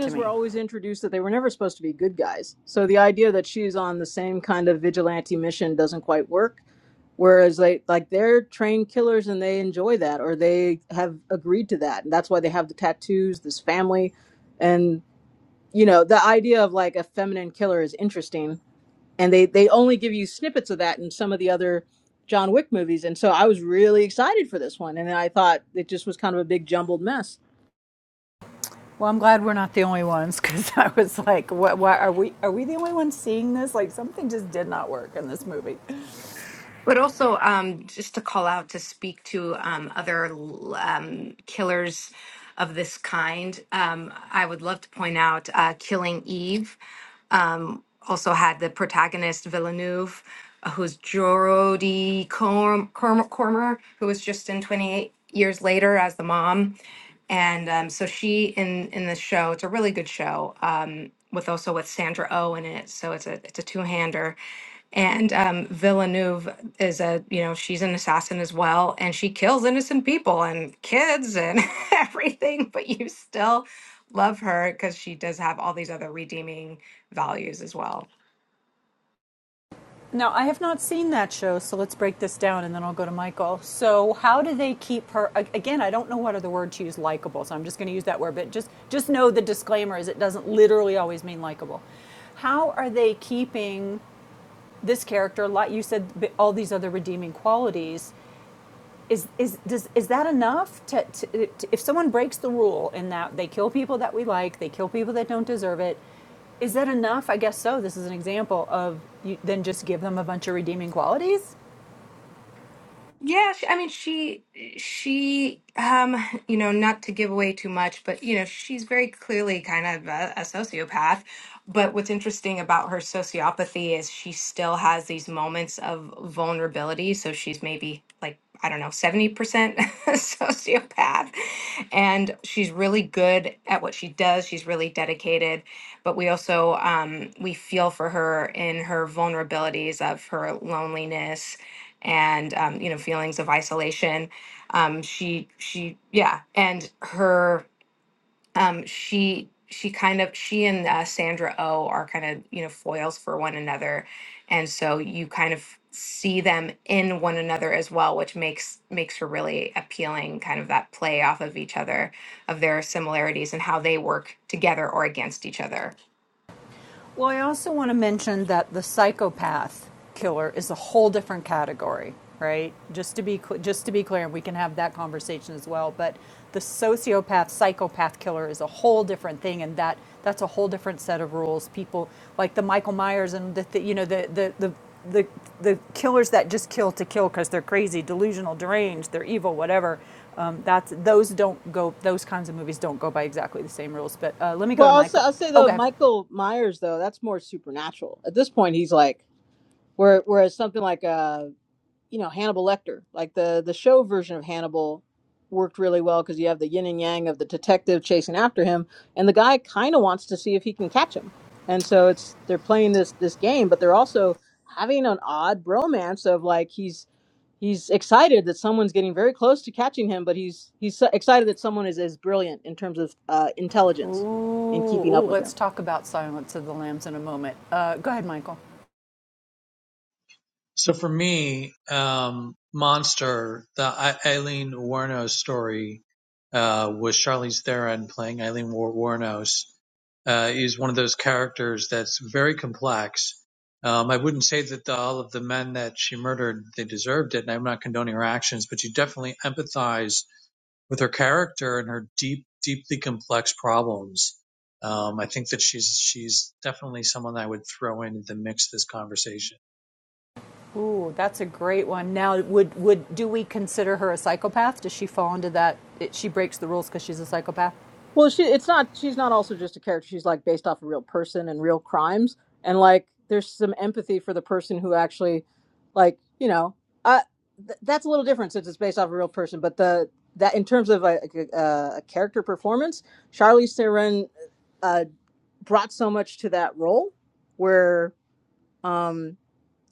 to were me. always introduced that they were never supposed to be good guys. So the idea that she's on the same kind of vigilante mission doesn't quite work. Whereas they like they're trained killers and they enjoy that or they have agreed to that. And that's why they have the tattoos, this family. And you know, the idea of like a feminine killer is interesting. And they they only give you snippets of that in some of the other John Wick movies. And so I was really excited for this one. And I thought it just was kind of a big jumbled mess. Well, I'm glad we're not the only ones because I was like, what, why are we, are we the only ones seeing this? Like something just did not work in this movie. But also, um, just to call out to speak to um, other l- um, killers of this kind, um, I would love to point out uh, Killing Eve. Um, also had the protagonist Villeneuve, uh, who's Jodie Corm- Corm- Cormer, who was just in 28 Years Later as the mom. And um, so she in in the show, it's a really good show um, with also with Sandra O oh in it. So it's a it's a two hander and um, Villeneuve is a, you know, she's an assassin as well, and she kills innocent people and kids and everything, but you still love her because she does have all these other redeeming values as well. Now, I have not seen that show, so let's break this down and then I'll go to Michael. So, how do they keep her again, I don't know what other word to use likable, so I'm just going to use that word, but just just know the disclaimer is it doesn't literally always mean likable. How are they keeping this character like you said all these other redeeming qualities is is does is that enough to, to, to if someone breaks the rule in that they kill people that we like they kill people that don't deserve it is that enough i guess so this is an example of you then just give them a bunch of redeeming qualities Yeah, she, I mean, she, she, um, you know, not to give away too much, but you know, she's very clearly kind of a, a sociopath. But what's interesting about her sociopathy is she still has these moments of vulnerability. So she's maybe like, I don't know, 70% sociopath. And she's really good at what she does. She's really dedicated. But we also, um, we feel for her in her vulnerabilities of her loneliness and um, you know feelings of isolation. Um, she she yeah, and her um, she she kind of she and uh, Sandra O oh are kind of you know foils for one another, and so you kind of see them in one another as well, which makes makes her really appealing. Kind of that play off of each other of their similarities and how they work together or against each other. Well, I also want to mention that the psychopath killer is a whole different category, right? Just to be just to be clear, and we can have that conversation as well. But the sociopath, psychopath killer is a whole different thing, and that that's a whole different set of rules. People like the Michael Myers and the, the you know the the the the, the killers that just kill to kill because they're crazy, delusional, deranged, they're evil, whatever. Um, that's those don't go. Those kinds of movies don't go by exactly the same rules. But uh, let me go to Well, I'll say, Michael. I'll say though Okay. Michael Myers though that's more supernatural. At this point, he's like where whereas something like uh you know Hannibal Lecter, like the the show version of Hannibal worked really well because you have the yin and yang of the detective chasing after him, and the guy kind of wants to see if he can catch him, and so it's they're playing this this game, but they're also having an odd bromance of like he's he's excited that someone's getting very close to catching him, but he's he's so excited that someone is as brilliant in terms of uh, Ooh, intelligence in keeping ooh, up with let's him. talk about Silence of the Lambs in a moment. Uh, go ahead, Michael. So for me, um, Monster, the Eileen Wuornos story uh, with Charlize Theron playing Eileen Wuor- Wuornos uh, is one of those characters that's very complex. Um, I wouldn't say that the, all of the men that she murdered they deserved it, and I'm not condoning her actions, but you definitely empathize with her character and her deep, deeply complex problems. Um, I think that she's she's definitely someone I would throw into the mix of this conversation. Ooh, that's a great one. Now, would would do we consider her a psychopath? Does she fall into that? It, she breaks the rules because she's a psychopath. Well, she it's not she's not also just a character. She's like based off a real person and real crimes and like there's some empathy for the person who actually like, you know, I th- that's a little different since it's based off a real person, but the that in terms of like, a, a, a character performance, Charlize Theron uh, brought so much to that role where um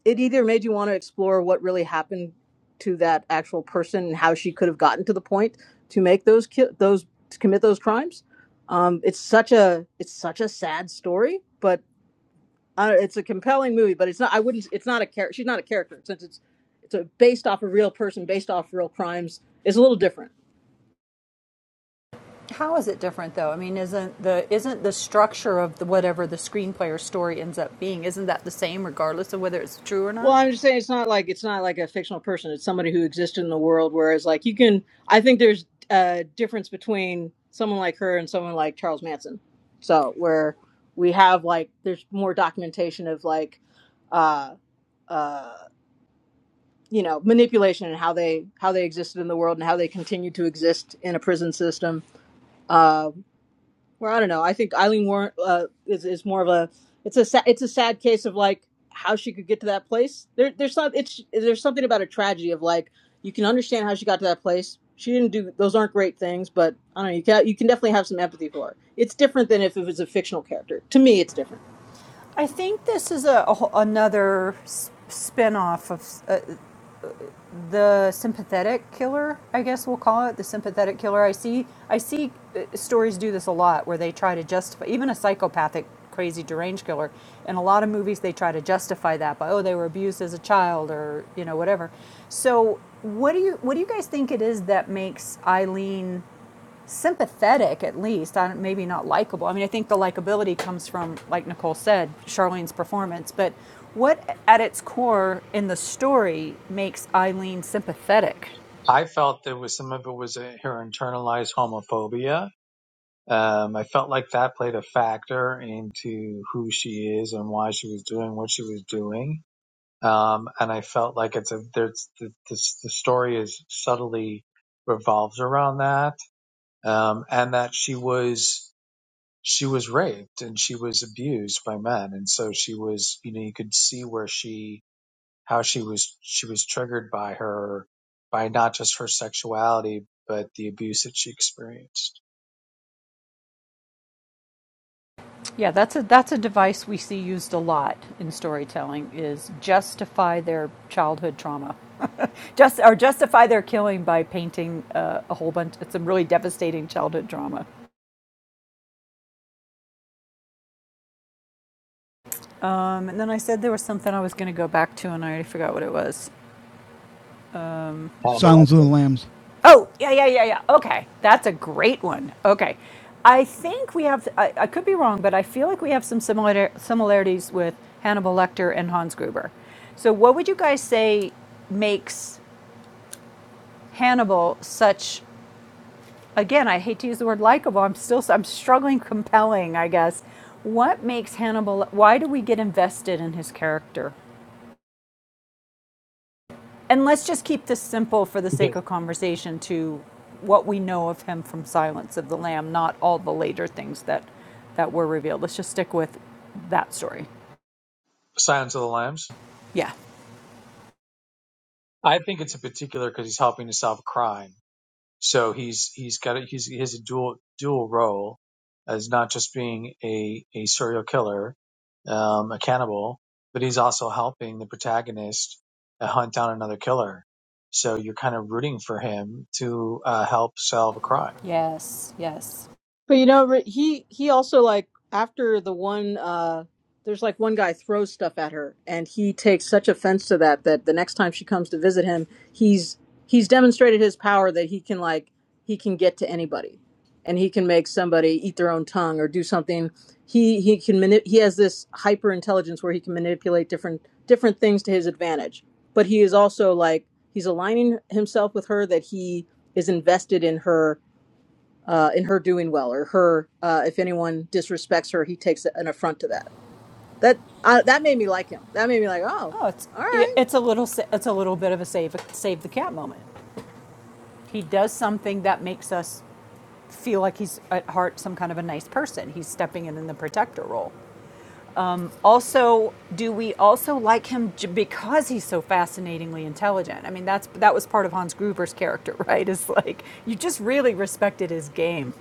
it either made you want to explore what really happened to that actual person and how she could have gotten to the point to make those ki- those to commit those crimes. Um, it's such a it's such a sad story, but uh, it's a compelling movie. But it's not. I wouldn't. It's not a character. She's not a character since it's it's a, based off a real person, based off real crimes. It's a little different. How is it different though? I mean, isn't the isn't the structure of the, whatever the screenplay or story ends up being isn't that the same regardless of whether it's true or Well, not? I'm just saying it's not like it's not like a fictional person. It's somebody who existed in the world. Whereas, like you can, I think there's a difference between someone like her and someone like Charles Manson. So where we have like there's more documentation of like, uh, uh, you know, manipulation and how they how they existed in the world and how they continue to exist in a prison system. Uh, well, I don't know. I think Eileen Warren uh, is is more of a it's a sa- it's a sad case of like how she could get to that place. There there's some it's there's something about a tragedy of like you can understand how she got to that place. She didn't do those aren't great things, but I don't know. You can you can definitely have some empathy for her. It's different than if it was a fictional character. To me, it's different. I think this is a, a another s- spin-off of uh, the sympathetic killer, I guess we'll call it the sympathetic killer. I see, I see uh, stories do this a lot where they try to justify even a psychopathic, crazy, deranged killer. In a lot of movies, they try to justify that by oh, they were abused as a child or you know whatever. So, what do you what do you guys think it is that makes Eileen? sympathetic at least I don't, maybe not likable i mean i think the likability comes from like nicole said charlene's performance but what at its core in the story makes eileen sympathetic I felt there was some of it was uh her internalized homophobia. Um, I felt like that played a factor into who she is and why she was doing what she was doing. Um, and I felt like it's a there's the, this, the story is subtly revolves around that, um, and that she was she was raped and she was abused by men, and so she was you know you could see where she how she was she was triggered by her by not just her sexuality but the abuse that she experienced. yeah that's a that's a device we see used a lot in storytelling is justify their childhood trauma just or justify their killing by painting uh, a whole bunch it's a really devastating childhood trauma um, and then i said there was something i was going to go back to and i already forgot what it was Hannibal Silence of the Lecter. Lambs. Oh, yeah, yeah, yeah, yeah. Okay. That's a great one. Okay. I think we have, I, I could be wrong, but I feel like we have some similar, similarities with Hannibal Lecter and Hans Gruber. So, what would you guys say makes Hannibal such, again, I hate to use the word likable, I'm still, I'm struggling compelling, I guess. What makes Hannibal, why do we get invested in his character? And let's just keep this simple for the Yes. sake of conversation to what we know of him from Silence of the Lamb, not all the later things that, that were revealed. Let's just stick with that story. Silence of the Lambs. Yeah. I think it's in particular because he's helping to solve a crime. So he's he's got a, he's he has a dual dual role as not just being a a serial killer, um, a cannibal, but he's also helping the protagonist uh, hunt down another killer. So you're kind of rooting for him to uh, help solve a crime. Yes. Yes. But you know, Ri- he he also like after the one uh there's like one guy throws stuff at her and he takes such offense to that that the next time she comes to visit him, he's he's demonstrated his power that he can like he can get to anybody and he can make somebody eat their own tongue or do something. He he can mani- he has this hyper intelligence where he can manipulate different different things to his advantage. But he is also like he's aligning himself with her that he is invested in her uh, in her doing well or her uh, if anyone disrespects her he takes an affront to that that uh, that made me like him that made me like oh Oh, it's all right it's a little it's a little bit of a save save the cat moment. He does something that makes us feel like he's at heart some kind of a nice person. He's stepping in in the protector role. Also, do we also like him because he's so fascinatingly intelligent? I mean, that's that was part of Hans Gruber's character, right? Is like you just really respected his game.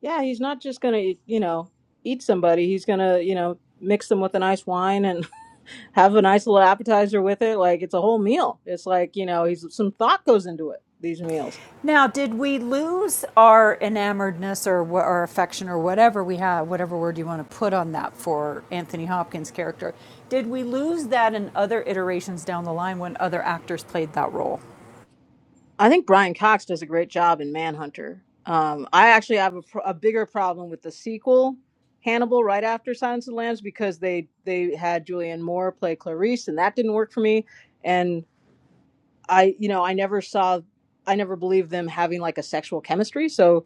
yeah he's not just gonna you know eat somebody he's gonna you know mix them with a nice wine and have a nice little appetizer with it like it's a whole meal it's like you know he's some thought goes into it these meals Now, did we lose our enamoredness or our affection or whatever we have, whatever word you want to put on that for Anthony Hopkins' character? Did we lose that in other iterations down the line when other actors played that role? I think Brian Cox does a great job in Manhunter. Um, I actually have a, pr- a bigger problem with the sequel, Hannibal, right after Silence of the Lambs, because they they had Julianne Moore play Clarice, and that didn't work for me. And I, you know, I never saw, I never believed them having like a sexual chemistry. So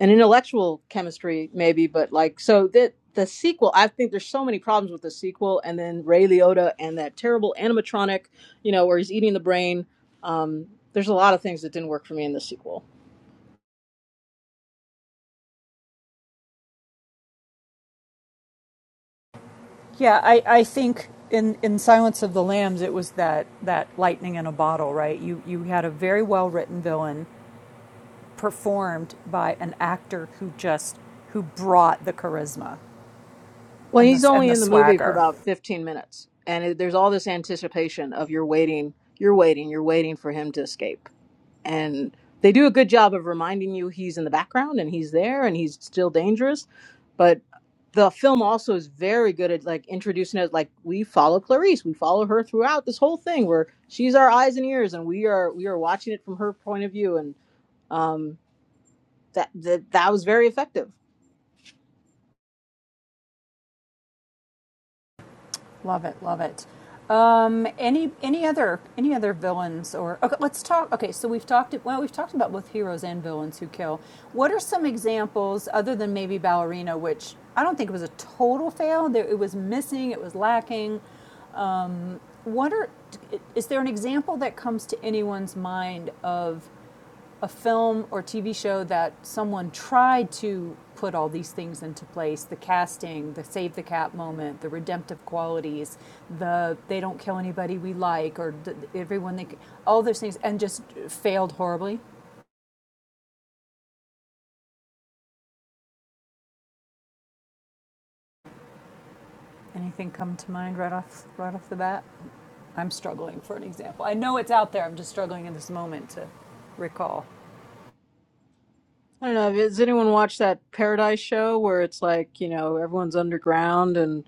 an intellectual chemistry maybe but like so that the sequel i think there's so many problems with the sequel and then ray liotta and that terrible animatronic you know where he's eating the brain um, there's a lot of things that didn't work for me in the sequel Yeah, I, I think in, in Silence of the Lambs, it was that, that lightning in a bottle, right? You, you had a very well written villain performed by an actor who just who brought the charisma well and he's the, and only the in the movie for swagger. about 15 minutes and it, there's all this anticipation of you're waiting you're waiting you're waiting for him to escape and they do a good job of reminding you he's in the background and he's there and he's still dangerous but the film also is very good at like introducing us like we follow clarice we follow her throughout this whole thing where she's our eyes and ears and we are we are watching it from her point of view and um that that, that was very effective Love it, love it. Um, any any other any other villains or okay, let's talk. Okay, so we've talked well, we've talked about both heroes and villains who kill. What are some examples other than maybe Ballerina, which I don't think was a total fail. There, it was missing, it was lacking. What are, is there an example that comes to anyone's mind of a film or TV show that someone tried to put all these things into place the casting, the save the cat moment, the redemptive qualities, the they don't kill anybody we like, or the, everyone they, all those things, and just failed horribly? Anything come to mind right off, right off the bat? I'm struggling for an example. I know it's out there, I'm just struggling in this moment to recall. i don't know has anyone watched that paradise show where it's like you know everyone's underground and.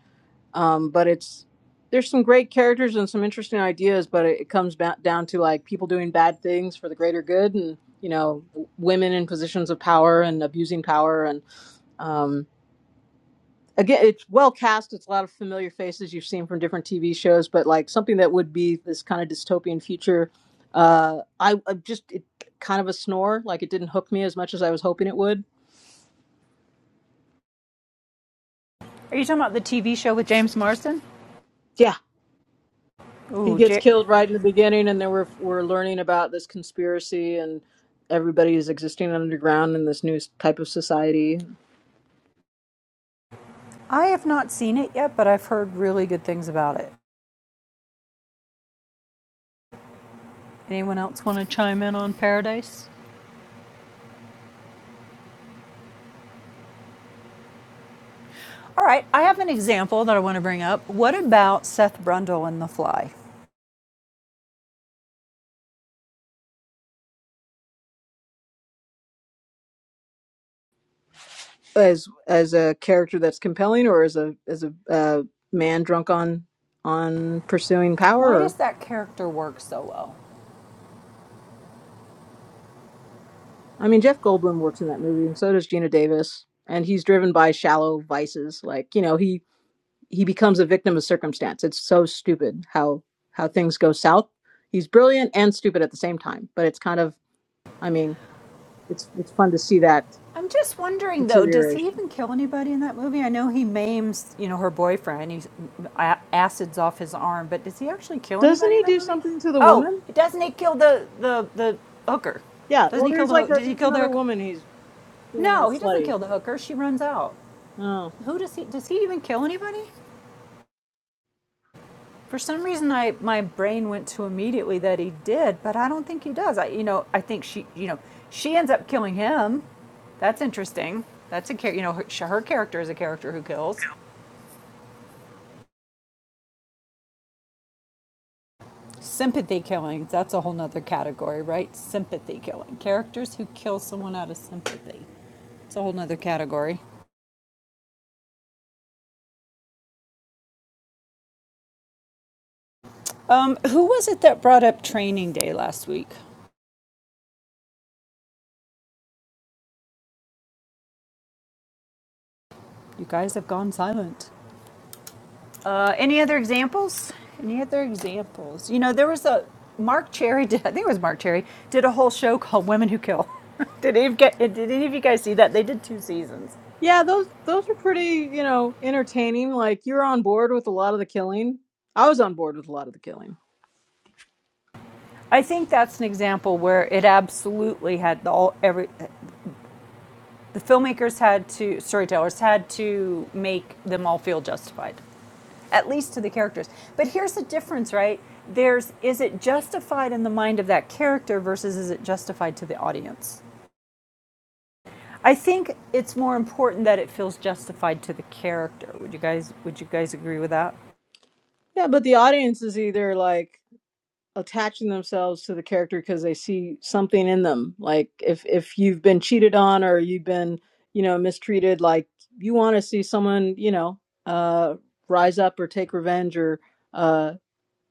um, but it's there's some great characters and some interesting ideas but it, it comes ba- down to like people doing bad things for the greater good and you know women in positions of power and abusing power and um, again it's well cast it's a lot of familiar faces you've seen from different tv shows but like something that would be this kind of dystopian future uh, I, I just it, kind of a snore like it didn't hook me as much as i was hoping it would Are you talking about the TV show with James Marsden? yeah He Ooh, gets J- killed right in the beginning, and then we're we're learning about this conspiracy and everybody is existing underground in this new s- type of society I have not seen it yet, but I've heard really good things about it. Anyone else want to chime in on Paradise? All right, I have an example that I want to bring up. What about Seth Brundle in The Fly? as as a character that's compelling, or as a as a uh, man drunk on on pursuing power. Why Or, does that character work so well? I mean, Jeff Goldblum works in that movie, and so does Gina Davis, and he's driven by shallow vices. Like you know, he he becomes a victim of circumstance. It's so stupid how how things go south. He's brilliant and stupid at the same time, but it's kind of I mean it's it's fun to see that I'm just wondering though, does he deterioration. even kill anybody in that movie? I know he maims, you know, her boyfriend. He acids off his arm, but does he actually kill Doesn't anybody he in that do movie? something to the Oh, woman? doesn't he kill the the the hooker? Yeah. Doesn't Well, he kill there's the like ho- a did he there's kill the another hooker? woman he's being a little No, he doesn't slutty. kill the hooker. She runs out. Oh. Who does he? Does he even kill anybody? For some reason, I my brain went to immediately that he did, but I don't think he does. I you know I think she you know she ends up killing him. That's interesting. That's a char- you know her, her character is a character who kills. Sympathy killings. That's a whole nother category, right? Sympathy killing characters who kill someone out of sympathy. It's a whole nother category. Um, who was it that brought up Training Day last week? You guys have gone silent. Uh, any other examples? Any other examples? You know, there was a Mark Cherry did. I think it was Mark Cherry did a whole show called "Women Who Kill." did any of get, did any of you guys see that? They did two seasons. Yeah, those those were pretty, you know, entertaining. Like you're on board with a lot of the killing. I was on board with a lot of the killing. I think that's an example where it absolutely had the all every the filmmakers had to storytellers had to make them all feel justified, at least to the characters. But here's the difference, right? There's is it justified in the mind of that character versus is it justified to the audience? I think it's more important that it feels justified to the character. Would you guys would you guys agree with that? Yeah, but the audience is either like attaching themselves to the character because they see something in them like if if you've been cheated on or you've been you know mistreated like you want to see someone you know uh rise up or take revenge or uh,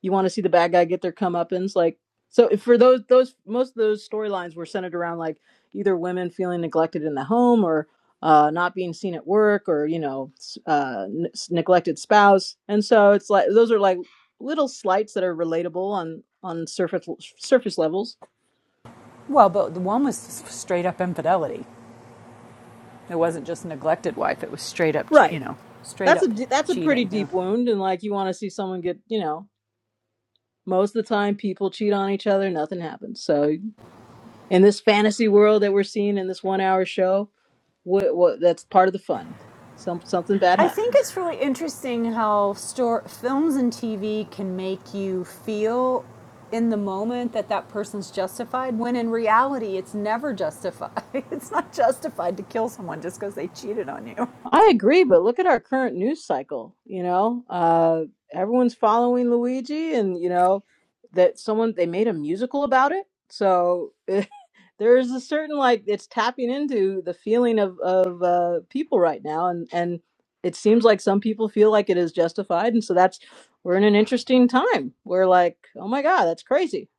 you want to see the bad guy get their comeuppance. Like so for those those most of those storylines were centered around like either women feeling neglected in the home or uh, not being seen at work or you know uh, n- neglected spouse. And so it's like those are like little slights that are relatable on on surface surface levels. Well, but the one was straight up infidelity. It wasn't just neglected wife. It was straight up, Right. you know, straight That's a up that's a pretty cheating. Yeah. deep wound, and like you want to see someone get you know. Most of the time, people cheat on each other. Nothing happens. So, in this fantasy world that we're seeing in this one-hour show, What, what, that's part of the fun. Some something bad I think happens. it's really interesting how stor- films and TV can make you feel in the moment that that person's justified when in reality it's never justified. It's not justified to kill someone just because they cheated on you. I agree, but look at our current news cycle. You know, uh, everyone's following Luigi, and you know that someone they made a musical about it. So there is a certain like it's tapping into the feeling of of uh, people right now, and and it seems like some people feel like it is justified, and so that's we're in an interesting time. We're like, oh my god, that's crazy.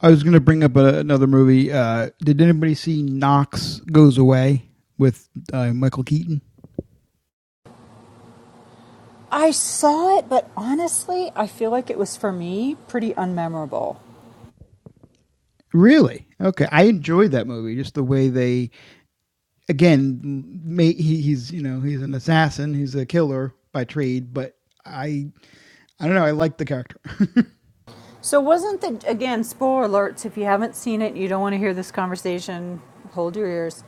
I was going to bring up a, another movie. Uh, did anybody see Knox Goes Away with uh, Michael Keaton? I saw it, but honestly, I feel like it was for me pretty unmemorable. Really? Okay, I enjoyed that movie. Just the way they again, may, he, he's you know he's an assassin, he's a killer by trade, but I I don't know, I like the character. So wasn't the again spoiler alerts if you haven't seen it, and you don't want to hear this conversation, hold your ears.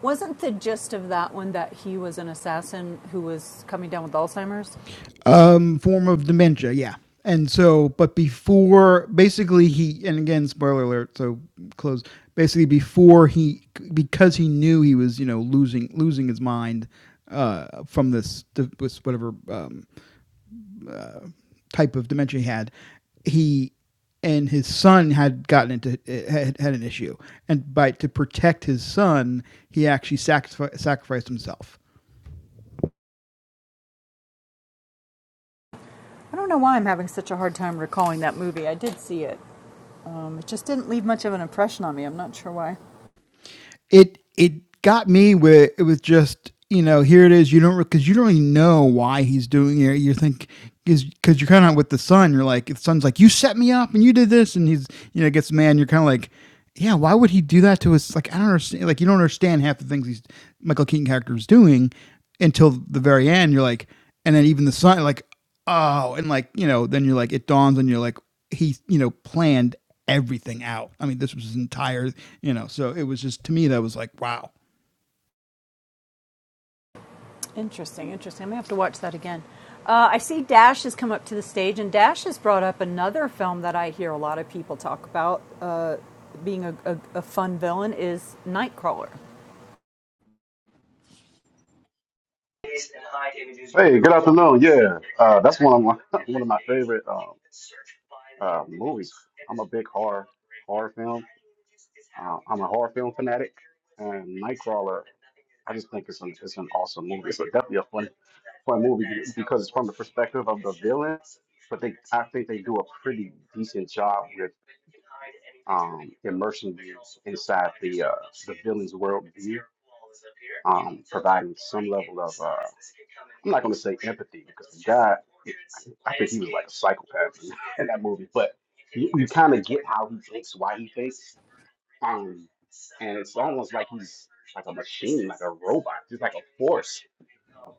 Wasn't the gist of that one that he was an assassin who was coming down with Alzheimer's? um, form of dementia, yeah. And so, but before basically he, and again, spoiler alert, so close. Basically, before he, because he knew he was you know losing losing his mind uh, from this, this whatever um, uh, type of dementia he had, he and his son had gotten into had, had an issue, and by to protect his son, he actually sacrificed sacrificed himself. I don't know why I'm having such a hard time recalling that movie. I did see it. Um, it just didn't leave much of an impression on me. I'm not sure why. It it got me where it was just you know here it is you don't because you don't really know why he's doing it. You think Is because you're kind of with the son. You're like the son's like you set me up and you did this, and he's you know gets mad. And you're kind of like, yeah, why would he do that to us? Like I don't understand. Like you don't understand half the things he's Michael Keaton character is doing until the very end. You're like, and then even the son like oh, and like you know then you're like it dawns on you like he you know planned everything out. I mean this was his entire you know so it was just to me that was like wow Interesting, interesting. I'm gonna have to watch that again. Uh, I see Dash has come up to the stage, and Dash has brought up another film that I hear a lot of people talk about uh, being a, a, a fun villain is Nightcrawler. Hey, good afternoon. Yeah, uh, that's one of my one of my favorite um, uh, movies. I'm a big horror horror film. Uh, I'm a horror film fanatic, and Nightcrawler. I just think it's an it's an awesome movie. It's definitely a fun for a movie because it's from the perspective of the villain. But they, I think they do a pretty decent job with um, immersing you inside the uh, the villain's world view, um, providing some level of uh, I'm not going to say empathy because the guy, I think he was like a psychopath in, in that movie, but. You, you kind of get how he thinks, why he thinks. Um, and it's almost like he's like a machine, like a robot, just like a force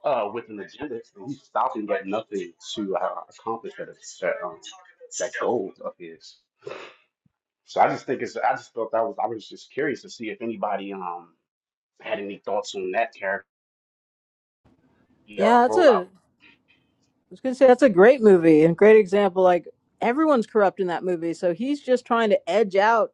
uh, with an agenda. And he's stopping at nothing to uh, accomplish that that, um, that goal of his. So I just think it's. I just thought that was. I was just curious to see if anybody um had any thoughts on that character Yeah, uh, that's a. rollout. I was gonna say that's a great movie and great example. Like everyone's corrupt in that movie, so he's just trying to edge out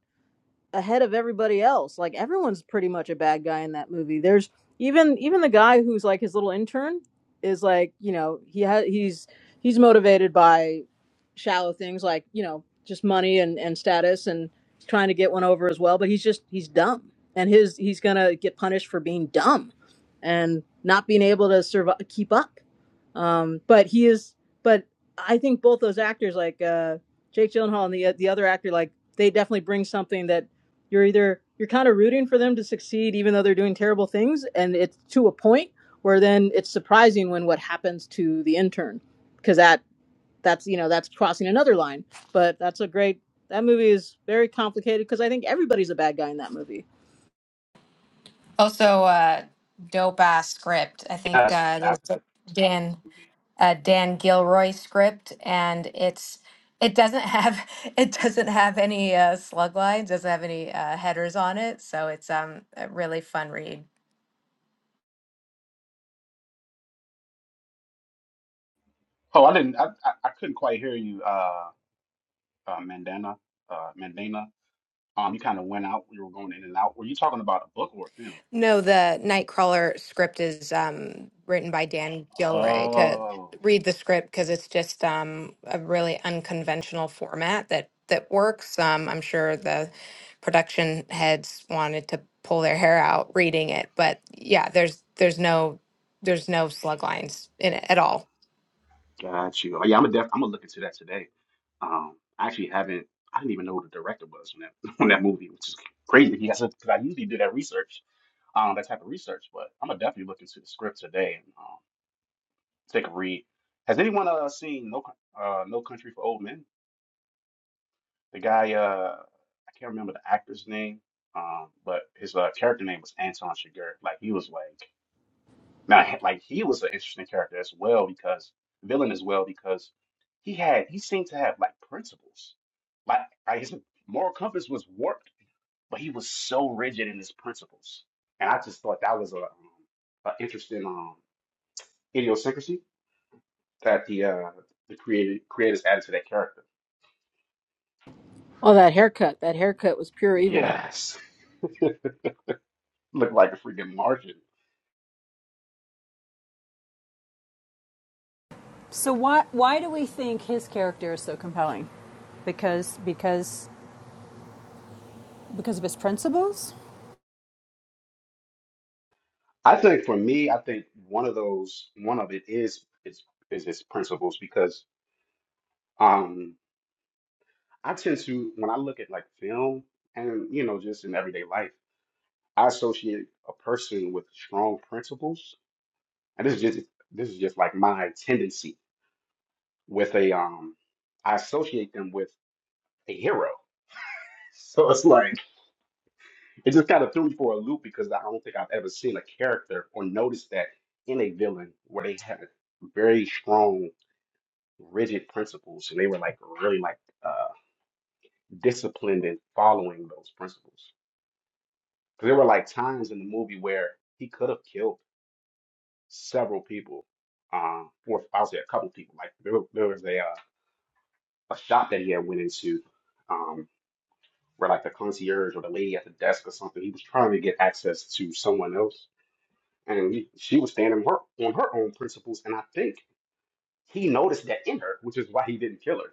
ahead of everybody else. Like everyone's pretty much a bad guy in that movie. There's even even the guy who's like his little intern is like you know he ha- he's he's motivated by shallow things like you know just money and and status and trying to get one over as well. But he's just he's dumb and his he's gonna get punished for being dumb and not being able to survive keep up. Um, but he is but I think both those actors like uh, Jake Gyllenhaal and the the other actor like they definitely bring something that you're either you're kind of rooting for them to succeed even though they're doing terrible things and it's to a point where then it's surprising when what happens to the intern because that that's you know that's crossing another line. But that's a great that movie is very complicated because I think everybody's a bad guy in that movie. Also, uh, dope ass script. I think Yes, uh, the- Dan absolutely. a Dan Gilroy script, and it's it doesn't have it doesn't have any uh, slug lines, doesn't have any uh, headers on it, so it's um a really fun read. Oh, I didn't. I, I, I couldn't quite hear you, uh, uh Mandana, uh, Mandana. Um, you kind of went out. You were going in and out. Were you talking about a book or a film? No, the Nightcrawler script is um, written by Dan Gilroy. To Oh, read the script because it's just um, a really unconventional format that that works. Um, I'm sure the production heads wanted to pull their hair out reading it, but yeah, there's there's no there's no slug lines in it at all. got you. Oh, yeah, I'm a def- I'm gonna look into that today. Um, I actually haven't. I didn't even know who the director was on that on that movie, which is crazy because because I usually do that research, um, that type of research. But I'm gonna definitely look into the script today and um, take a read. Has anyone uh seen No Coun- uh No Country for Old Men? The guy uh I can't remember the actor's name, um, but his uh, character name was Anton Chigurh. Like he was like. Now, he- like he was an interesting character as well because villain as well because he had he seemed to have like principles, like, like his moral compass was warped, but he was so rigid in his principles, and I just thought that was a, um, a interesting um, idiosyncrasy that the uh, the creative creators added to that character. Oh, that haircut! That haircut was pure evil. Yes, looked like a freaking margin. So why why do we think his character is so compelling? Because because because of his principles. I think for me, I think one of those one of it is is is his principles because. Um, I tend to, when I look at like film and, you know, just in everyday life, I associate a person with strong principles. And this is just this is just like my tendency with a um I associate them with a hero. So it's like it just kind of threw me for a loop because I don't think I've ever seen a character or noticed that in a villain where they had very strong, rigid principles and they were like really like uh disciplined in following those principles. 'Cause there were like times in the movie where he could have killed several people, um, or I would say a couple people. Like there, there was a uh, a shop that he had went into, um, where like the concierge or the lady at the desk or something, he was trying to get access to someone else, and he, she was standing her, on her own principles, and I think he noticed that in her, which is why he didn't kill her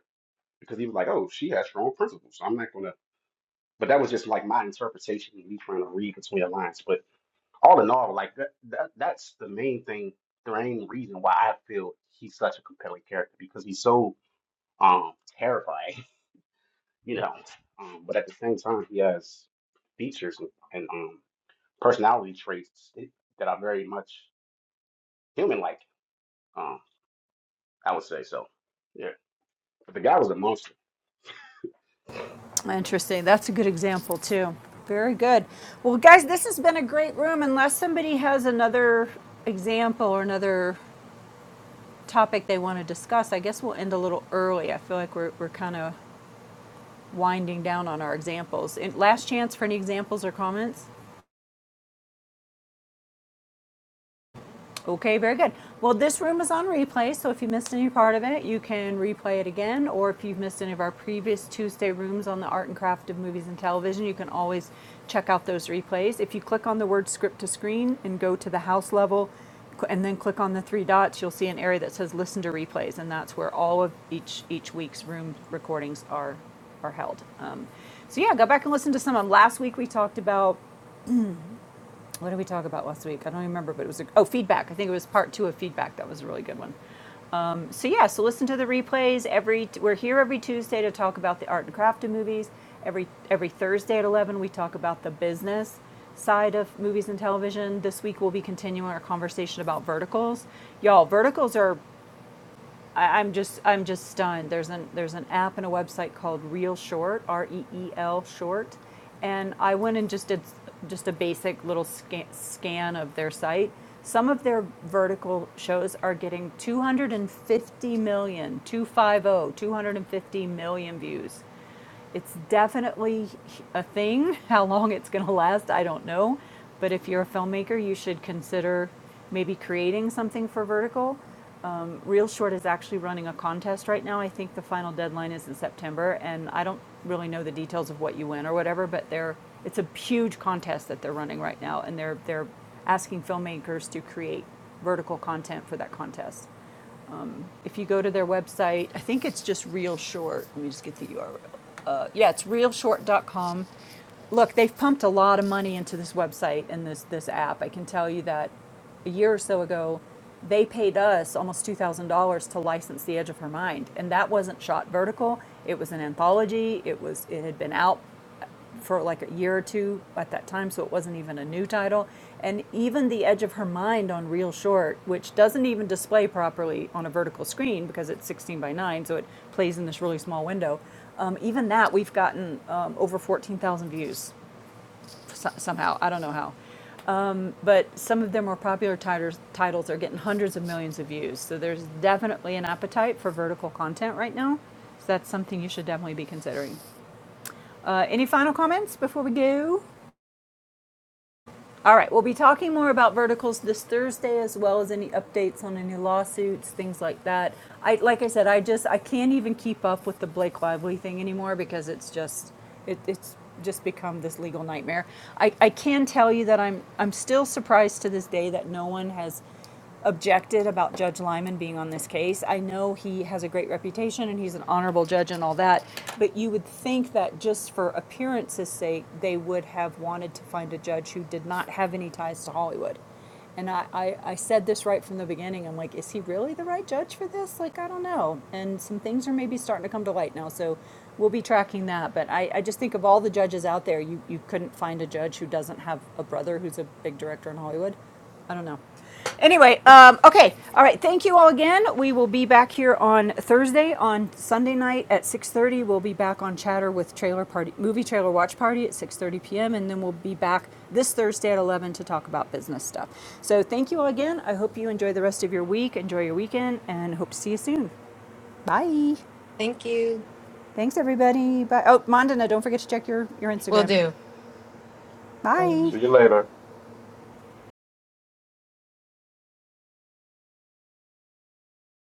because he was like, oh, she has strong principles, so I'm not gonna. But that was just like my interpretation, me trying to read between the lines. But all in all, like that, that that's the main thing, the main reason why I feel he's such a compelling character because he's so um terrifying, you know. Um, but at the same time, he has features and, and um personality traits that are very much human-like. Um, I would say so. Yeah, but the guy was a monster. Interesting. That's a good example too. Very good. Well, guys, this has been a great room. Unless somebody has another example or another topic they want to discuss, I guess we'll end a little early. I feel like we're, we're kind of winding down on our examples. And last chance for any examples or comments? Okay, very good. Well, this room is on replay, so if you missed any part of it, you can replay it again. Or if you've missed any of our previous Tuesday rooms on the art and craft of movies and television, you can always check out those replays. If you click on the word script to screen and go to the house level, cl- and then click on the three dots, you'll see an area that says listen to replays, and that's where all of each each week's room recordings are are held. Um, so yeah, go back and listen to some of them. Last week we talked about what did we talk about last week? I don't remember, but it was a, oh feedback. I think it was part two of feedback. That was a really good one. Um, so yeah, so listen to the replays. Every we're here every Tuesday to talk about the art and craft of movies. Every every Thursday at eleven we talk about the business side of movies and television. This week we'll be continuing our conversation about verticals. Y'all, verticals are I, I'm just I'm just stunned. There's an there's an app and a website called Real Short, R E E L Short, and I went and just did just a basic little scan, scan of their site. Some of their vertical shows are getting 250 million, 250, 250 million views. It's definitely a thing. How long it's going to last, I don't know. But if you're a filmmaker, you should consider maybe creating something for vertical um, Real Short is actually running a contest right now. I think the final deadline is in September, and I don't really know the details of what you win or whatever, but they're, it's a huge contest that they're running right now, and they're, they're asking filmmakers to create vertical content for that contest if you go to their website, I think it's just Real Short. Let me just get the URL. Uh, yeah, it's realshort.com. Look, they've pumped a lot of money into this website and this this app. I can tell you that a year or so ago, they paid us almost two thousand dollars to license The Edge of Her Mind, and that wasn't shot vertical. It was an anthology. It was it had been out for like a year or two at that time, so it wasn't even a new title. And even The Edge of Her Mind on Real Short, which doesn't even display properly on a vertical screen because it's 16 by 9, so it plays in this really small window. Um, even that, we've gotten um, over 14,000 views so- somehow. I don't know how. Um, but some of their more popular titles, titles are getting hundreds of millions of views. So there's definitely an appetite for vertical content right now. So that's something you should definitely be considering. Uh, any final comments before we go? All right, we'll be talking more about verticals this Thursday, as well as any updates on any lawsuits, things like that. I, like I said, I just I can't even keep up with the Blake Lively thing anymore because it's just it, it's just become this legal nightmare. I, I can tell you that I'm I'm still surprised to this day that no one has objected about Judge Lyman being on this case. I know he has a great reputation and he's an honorable judge and all that, but you would think that just for appearance's sake, they would have wanted to find a judge who did not have any ties to Hollywood. And I, I, I said this right from the beginning. I'm like, is he really the right judge for this? Like, I don't know. And some things are maybe starting to come to light now. So we'll be tracking that. But I, I just think of all the judges out there, you, you couldn't find a judge who doesn't have a brother who's a big director in Hollywood. I don't know. Anyway, um, okay, all right. Thank you all again. We will be back here on Thursday. On Sunday night at six thirty, we'll be back on Chatter with Trailer Party, Movie Trailer Watch Party at six thirty p.m. And then we'll be back this Thursday at eleven to talk about business stuff. So thank you all again. I hope you enjoy the rest of your week, enjoy your weekend, and hope to see you soon. Bye. Thank you. Thanks everybody. Bye. Oh, Mandana, don't forget to check your your Will Instagram. do. Bye. See you later.